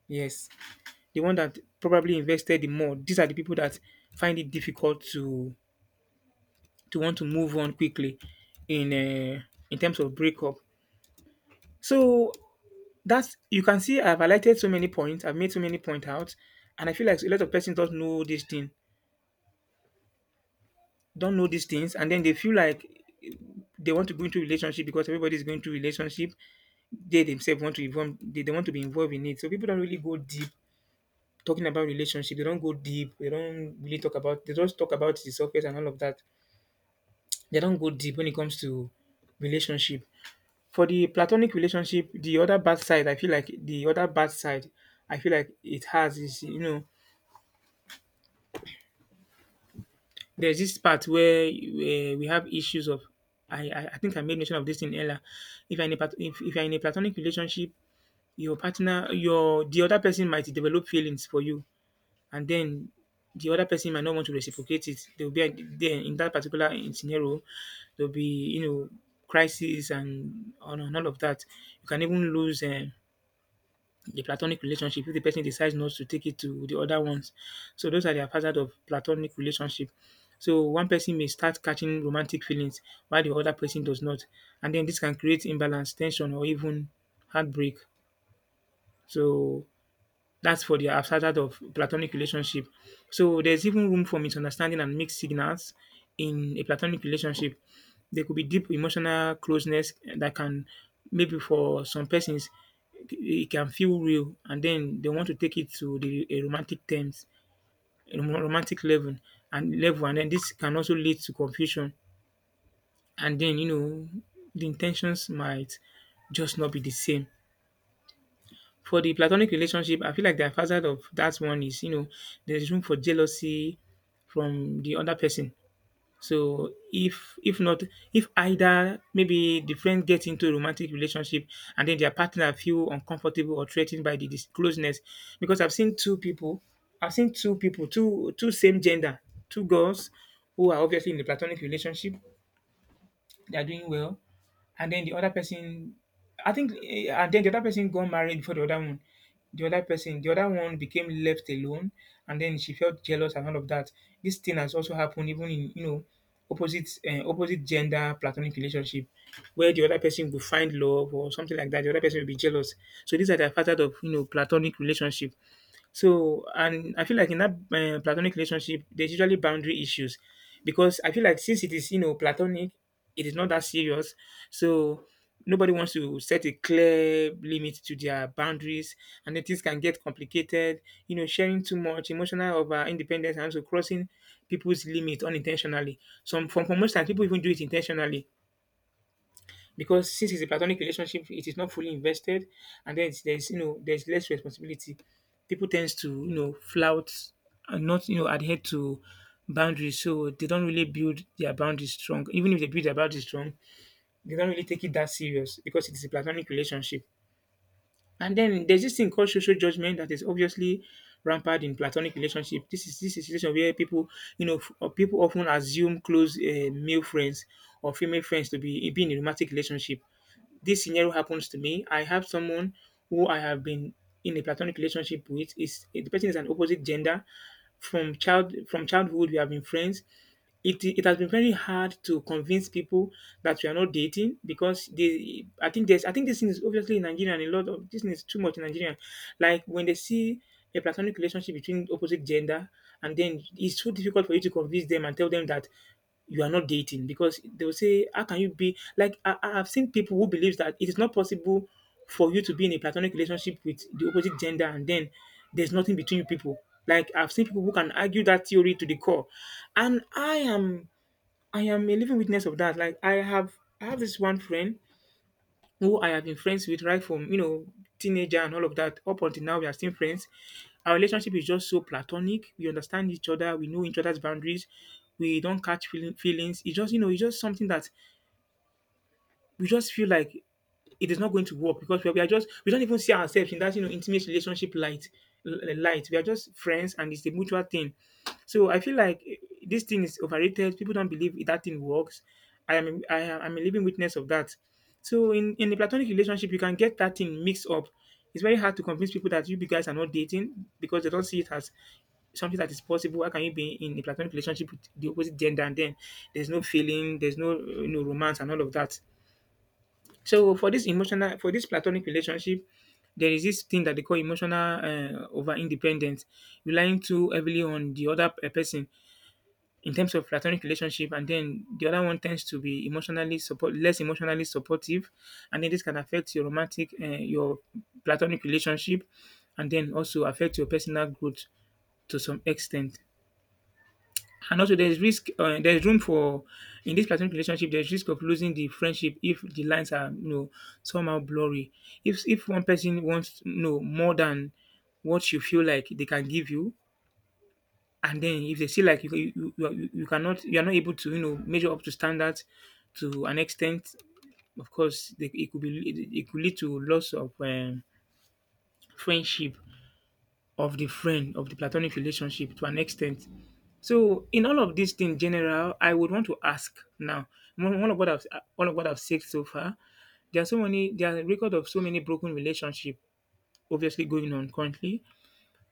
S1: Yes, the one that probably invested the more. These are the people that find it difficult to want to move on quickly in uh, in terms of breakup. So that's, you can see I've highlighted so many points. I've made so many points out, and I feel like a lot of persons don't know this thing, don't know these things, and then they feel like they want to go into relationship because everybody is going to relationship. They themselves want to involve. They want to be involved in it. So people don't really go deep talking about relationship. They don't go deep. They don't really talk about. They just talk about the surface and all of that. They don't go deep when it comes to relationship. For the platonic relationship, the other bad side, I feel like the other bad side, I feel like it has is, you know, there's this part where we have issues of I think I made mention of this in Ella. If you're in a if you're in a platonic relationship, your the other person might develop feelings for you, and then the other person might not want to reciprocate it. There will be a, then In that particular scenario, there'll be, you know, crisis and all of that. You can even lose the platonic relationship if the person decides not to take it to the other ones. So those are the hazard of platonic relationship. So one person may start catching romantic feelings while the other person does not, and then this can create imbalance, tension, or even heartbreak. So that's for the outsider of platonic relationship. So there's even room for misunderstanding and mixed signals in a platonic relationship. There could be deep emotional closeness that can, maybe for some persons, it can feel real and then they want to take it to the a romantic terms, a romantic level and then this can also lead to confusion, and then, you know, the intentions might just not be the same. For the platonic relationship, I feel like the advantage of that one is, you know, there's room for jealousy from the other person. So if either maybe the friend gets into a romantic relationship and then their partner feel uncomfortable or threatened by the closeness. Because I've seen two people, two same gender, two girls who are obviously in the platonic relationship, they are doing well, and then the other person, I think, and then the other person got married before the other one. The other person, the other one became left alone, and then she felt jealous and all of that. This thing has also happened even in, you know, opposite opposite gender platonic relationship, where the other person will find love or something like that. The other person will be jealous. So these are the factors of, you know, platonic relationship. So, and I feel like in that platonic relationship, there's usually boundary issues because I feel like since it is, platonic, it is not that serious. So, nobody wants to set a clear limit to their boundaries, and then things can get complicated, sharing too much, emotional over independence, and also crossing people's limit unintentionally. Some, for most times, people even do it intentionally because since it's a platonic relationship, it is not fully invested, and then there's there's less responsibility. People tends to flout and not adhere to boundaries, so they don't really build their boundaries strong. Even if they build their boundaries strong, they don't really take it that serious because it is a platonic relationship. And then there's this thing called social judgment that is obviously rampant in platonic relationship. This is a situation where people, or people often assume close male friends or female friends to be in a romantic relationship. This scenario happens to me. I have someone who I have been in a platonic relationship with. Is The person is an opposite gender from childhood. We have been friends. It has been very hard to convince people that we are not dating because they I think there's I think this thing is obviously in Nigeria, and a lot of this thing is too much in Nigeria. Like, when they see a platonic relationship between opposite gender, and then it's so difficult for you to convince them and tell them that you are not dating because they will say, how can you be? Like, I have seen people who believes that it is not possible for you to be in a platonic relationship with the opposite gender and then there's nothing between you people. Like, I've seen people who can argue that theory to the core. And I am a living witness of that. Like, I have this one friend who I have been friends with right from, teenager and all of that, up until now. We are still friends. Our relationship is just so platonic. We understand each other. We know each other's boundaries. We don't catch feelings. It's just, it's just something that we just feel like it is not going to work because we are just we don't even see ourselves in that intimate relationship light. We are just friends, and it's a mutual thing. So I feel like this thing is overrated. People don't believe that thing works. I'm a living witness of that. So in a platonic relationship, you can get that thing mixed up. It's very hard to convince people that you guys are not dating because they don't see it as something that is possible. How can you be in a platonic relationship with the opposite gender and then there's no feeling, there's no romance and all of that? So for for this platonic relationship, there is this thing that they call emotional over independence, relying too heavily on the other person in terms of platonic relationship, and then the other one tends to be less emotionally supportive, and then this can affect your platonic relationship, and then also affect your personal growth to some extent. And also, there's risk. There's room for in this platonic relationship. There's risk of losing the friendship if the lines are somehow blurry. If one person wants more than what you feel like they can give you, and then if they feel like you are not able to measure up to standards to an extent, of course, it could lead to loss of friendship of the platonic relationship to an extent. So in all of these things general, I would want to ask now. One one of what I've all of what I've said so far, there are record of so many broken relationship, obviously going on currently.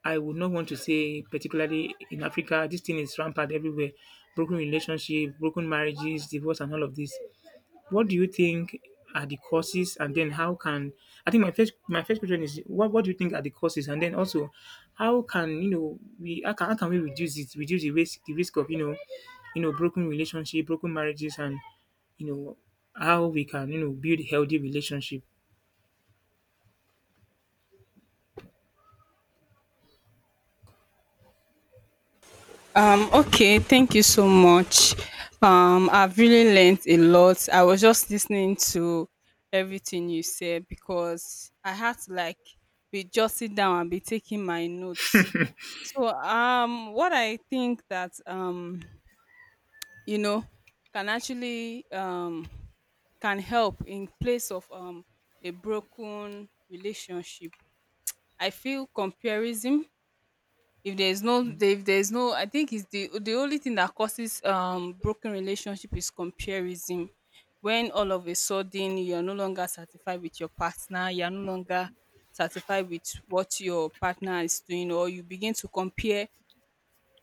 S1: I would not want to say particularly in Africa, this thing is rampant everywhere. Broken relationship, broken marriages, divorce, and all of this. What do you think are the causes, and then how can— I think my first question is what do you think are the causes, and then also how can— you know we how can we reduce the risk of, broken relationship, broken marriages, and, you know how we can, build healthy relationship.
S2: Okay, thank you so much. I've really learned a lot. I was just listening to everything you said because I had to, like, be jotting down and be taking my notes. So, what I think that you know can actually, can help in place of, a broken relationship, I feel, comparison. If there is no, if there is no, I think is the only thing that causes broken relationship is comparison. When all of a sudden you are no longer satisfied with your partner, you are no longer satisfied with what your partner is doing, or you begin to compare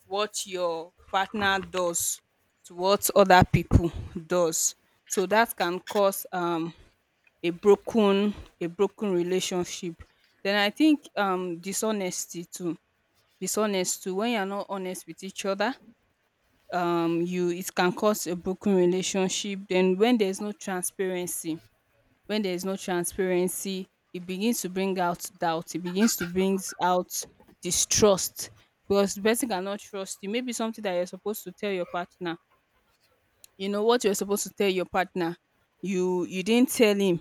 S2: what your partner does to what other people does. So that can cause, a broken a broken relationship. Then I think, dishonesty too. Dishonest too, when you're not honest with each other, you, it can cause a broken relationship. Then, when there's no transparency, when there is no transparency, it begins to bring out doubt. It begins to bring out distrust because the person cannot trust you. Maybe something that you're supposed to tell your partner. You know what you're supposed to tell your partner. You didn't tell him,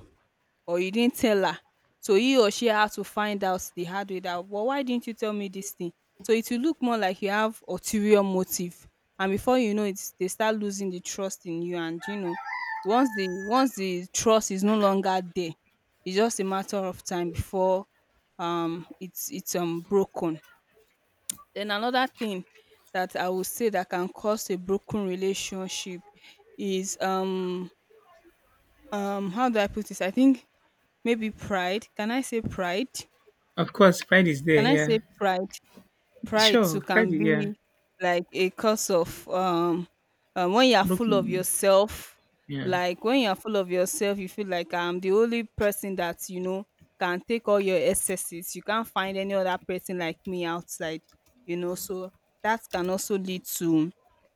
S2: or you didn't tell her. So he or she had to find out the hard way that, well, why didn't you tell me this thing? So it will look more like you have ulterior motive. And before you know it, they start losing the trust in you. And you know, once the trust is no longer there, it's just a matter of time before it's broken. Then another thing that I would say that can cause a broken relationship is, how do I put this? I think maybe pride. Can I say pride?
S1: Of course, pride is there.
S2: Can I
S1: Yeah,
S2: say pride? Pride
S1: sure,
S2: too
S1: pride
S2: can
S1: is, yeah.
S2: be like a cause of, when you are full of
S1: Broken.
S2: yourself,
S1: Yeah,
S2: like when you are full of yourself, you feel like I'm the only person that can take all your excesses. You can't find any other person like me outside, so that can also lead to,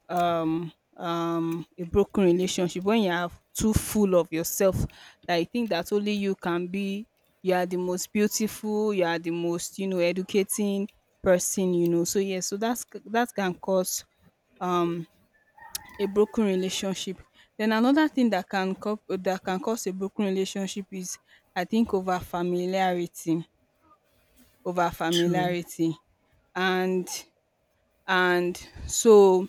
S2: um a broken relationship. When you are too full of yourself, that you think that only you can be, you are the most beautiful, you are the most, educating person, so, yes, so that can cause, um a broken relationship. Then another thing that can cause a broken relationship is, I think, over familiarity, over
S1: true.
S2: familiarity, and and so,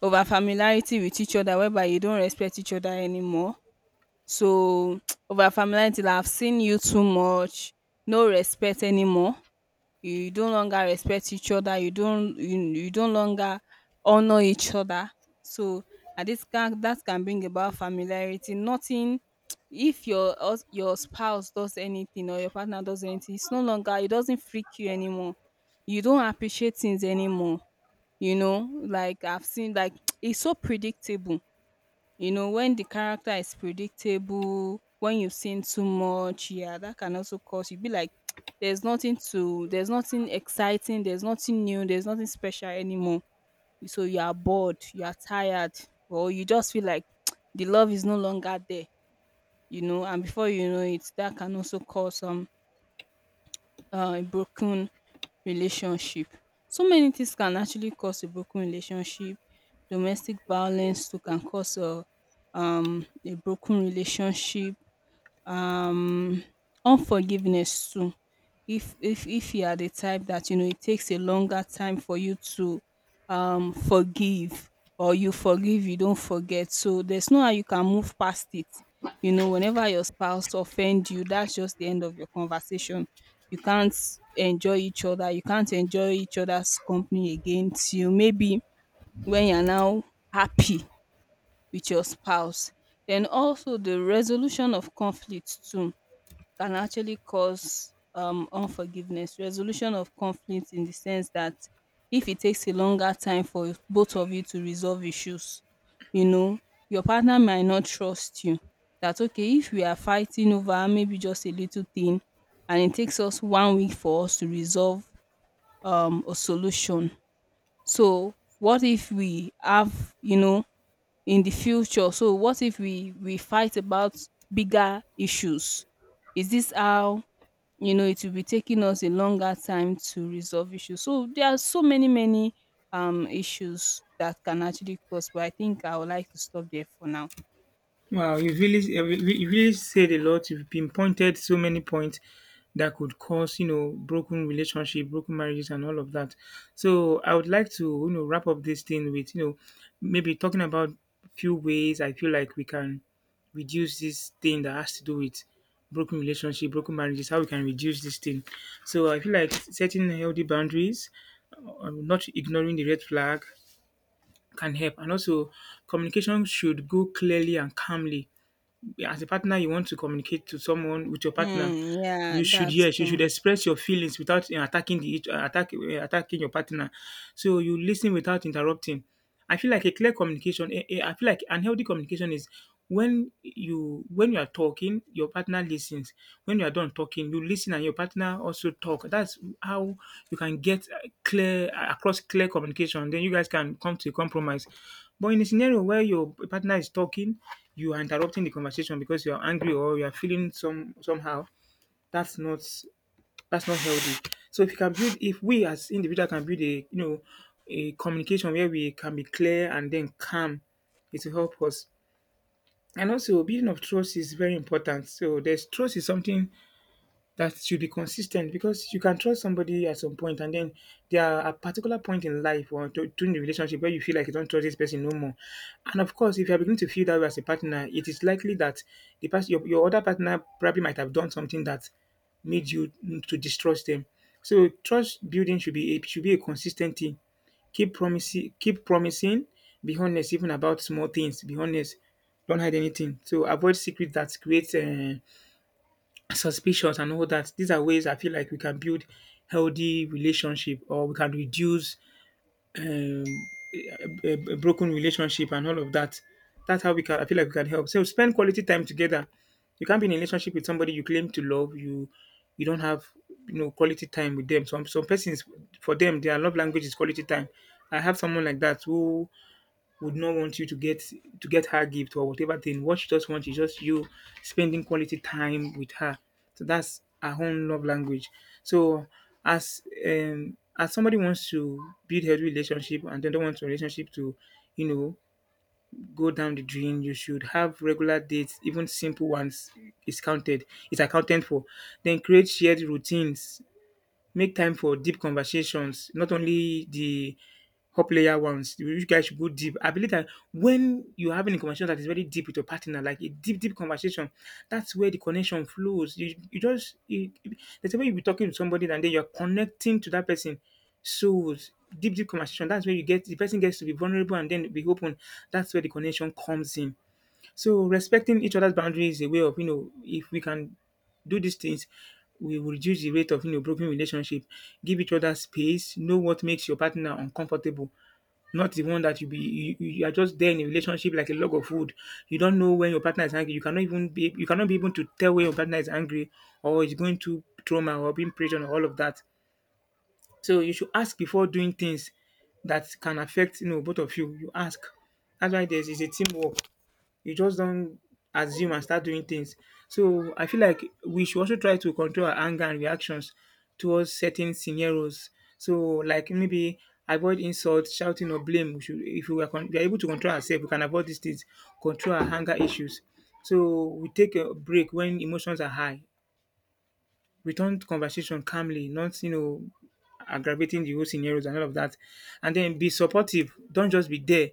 S2: over familiarity with each other, whereby you don't respect each other anymore. So, over familiarity, like I've seen you too much, no respect anymore. You don't longer respect each other. You don't longer honor each other. So, and this can that can bring about familiarity. Nothing. If your spouse does anything, or your partner does anything, it's no longer it doesn't freak you anymore. You don't appreciate things anymore, you know, like I've seen. Like, it's so predictable, when the character is predictable, when you've seen too much, yeah, that can also cause you be like, there's nothing exciting, there's nothing new, there's nothing special anymore. So you are bored, you are tired, or you just feel like, the love is no longer there, and before you know it, that can also cause, some a broken relationship. So many things can actually cause a broken relationship. Domestic violence too can cause a broken relationship. um Unforgiveness too. If you are the type that, you know, it takes a longer time for you to forgive, or you forgive, you don't forget, so there's no how you can move past it, you know. Whenever your spouse offend you, that's just the end of your conversation. You can't enjoy each other you can't enjoy each other's company again, till maybe when you're now happy with your spouse. Then also the resolution of conflict too can actually cause, unforgiveness. Resolution of conflict in the sense that if it takes a longer time for both of you to resolve issues, you know, your partner might not trust you. That okay, if we are fighting over maybe just a little thing and it takes us 1 week for us to resolve, a solution. So what if we have in the future? So what if we fight about bigger issues? Is this how it will be taking us a longer time to resolve issues. So there are so many, many issues that can actually cause, but I think I would like to stop there for now.
S1: Wow, you really said a lot. You've pinpointed so many points that could cause, broken relationship, broken marriages, and all of that. So I would like to, wrap up this thing with, maybe talking about few ways I feel like we can reduce this thing that has to do with broken relationship, broken marriages. How we can reduce this thing. So I feel like setting healthy boundaries, not ignoring the red flag, can help, and also communication should go clearly and calmly. As a partner, you want to communicate to someone— with your partner,
S2: Mm, yeah,
S1: you should
S2: that's
S1: yes you should
S2: true.
S1: express your feelings without attacking the each- attack attacking your partner. So you listen without interrupting. I feel like a clear communication— I feel like unhealthy communication is when you are talking, your partner listens. When you are done talking, you listen, and your partner also talk. That's how you can get clear across clear communication. Then you guys can come to a compromise. But in a scenario where your partner is talking, you are interrupting the conversation because you are angry or you are feeling somehow. That's not that's not healthy. So if you can build— if we as individual can build a you know a communication where we can be clear and then calm, it will help us. And also, building of trust is very important. So there's trust is something that should be consistent, because you can trust somebody at some point, and then there are a particular point in life or during the relationship where you feel like you don't trust this person no more. And of course, if you are beginning to feel that way as a partner, it is likely that your other partner probably might have done something that made you to distrust them. So trust building should be a consistent thing. Keep promising, keep promising. Be honest, even about small things. Be honest. Don't hide anything. So avoid secrets that create suspicions and all that. These are ways I feel like we can build healthy relationship, or we can reduce um, a broken relationship and all of that. That's how we can. I feel like we can help. So spend quality time together. You can't be in a relationship with somebody you claim to love. You don't have quality time with them. Some persons, for them, their love language is quality time. I have someone like that who would not want you to get her gift or whatever thing. What she just wants is just you spending quality time with her. So that's her own love language. So as somebody wants to build healthy relationship and they don't want your relationship to, you know, go down the drain, you should have regular dates, even simple ones is counted, is accounted for. Then create shared routines. Make time for deep conversations, not only the up layer ones. You guys should go deep. I believe that when you're having a conversation that is very deep with your partner, like a deep, deep conversation, that's where the connection flows. You just, you- there's a way you'll be talking to somebody and then you're connecting to that person. So, deep, deep conversation, that's where the person gets to be vulnerable and then be open. That's where the connection comes in. So respecting each other's boundaries is a way of— if we can do these things, we will reduce the rate of, broken relationship. Give each other space, know what makes your partner uncomfortable. Not the one that you be you, you you are just there in a relationship like a log of wood. You don't know when your partner is angry. You cannot be able to tell when your partner is angry, or is going through trauma, or being pressured, or all of that. So you should ask before doing things that can affect, both of you. You ask. That's why there's is a teamwork. You just don't assume and start doing things. So I feel like we should also try to control our anger and reactions towards certain scenarios. So, like, maybe avoid insults, shouting, or blame. We should, if we are able to control ourselves, we can avoid these things, control our anger issues. So we take a break when emotions are high. Return to conversation calmly, not, aggravating the whole scenarios and all of that. And then be supportive. Don't just be there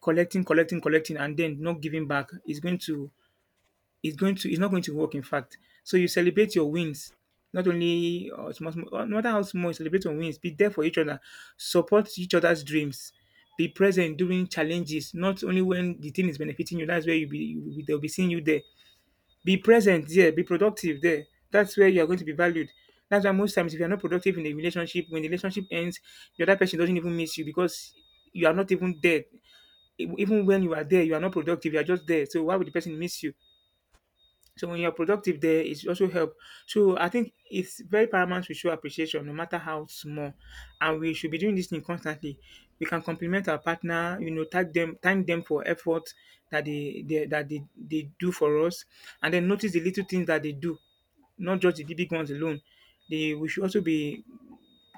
S1: collecting, collecting, collecting, and then not giving back. It's not going to work, in fact. So you celebrate your wins, not only— small, small— no matter how small, you celebrate your wins. Be there for each other, support each other's dreams, be present during challenges, not only when the thing is benefiting you. That's where you be you, will be- they'll be seeing you there. Be present there, be productive there. That's where you are going to be valued. That's why most times, if you're not productive in a relationship, when the relationship ends, the other person doesn't even miss you, because you are not even there. Even when you are there, you are not productive, you are just there. So why would the person miss you? So when you're productive there, it also help. So I think it's very paramount to show appreciation, no matter how small, and we should be doing this thing constantly. We can compliment our partner, thank them for effort that they do for us, and then notice the little things that they do, not just the big ones alone. They We should also be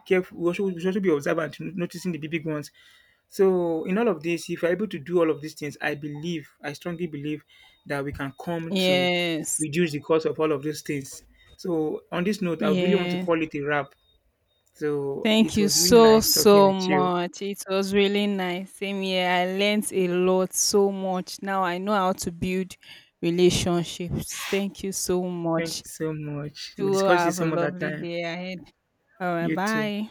S1: careful. We should also be observant in noticing the big ones. So, in all of this, if we're able to do all of these things, I believe, I strongly believe that we can come to
S2: Yes.
S1: reduce the cost of all of those things. So, on this note, I would really want to
S2: Yeah.
S1: call it a wrap. So,
S2: Thank
S1: it
S2: you
S1: was really
S2: so,
S1: nice talking
S2: so
S1: with you.
S2: much. It was really nice. Same here. I learned a lot, so much. Now I know how to build relationships. Thank you so
S1: Thank you
S2: much.
S1: so much. We'll
S2: Do
S1: discuss this
S2: have a
S1: some other
S2: lovely
S1: time.
S2: day ahead. All right.
S1: You too.
S2: Bye.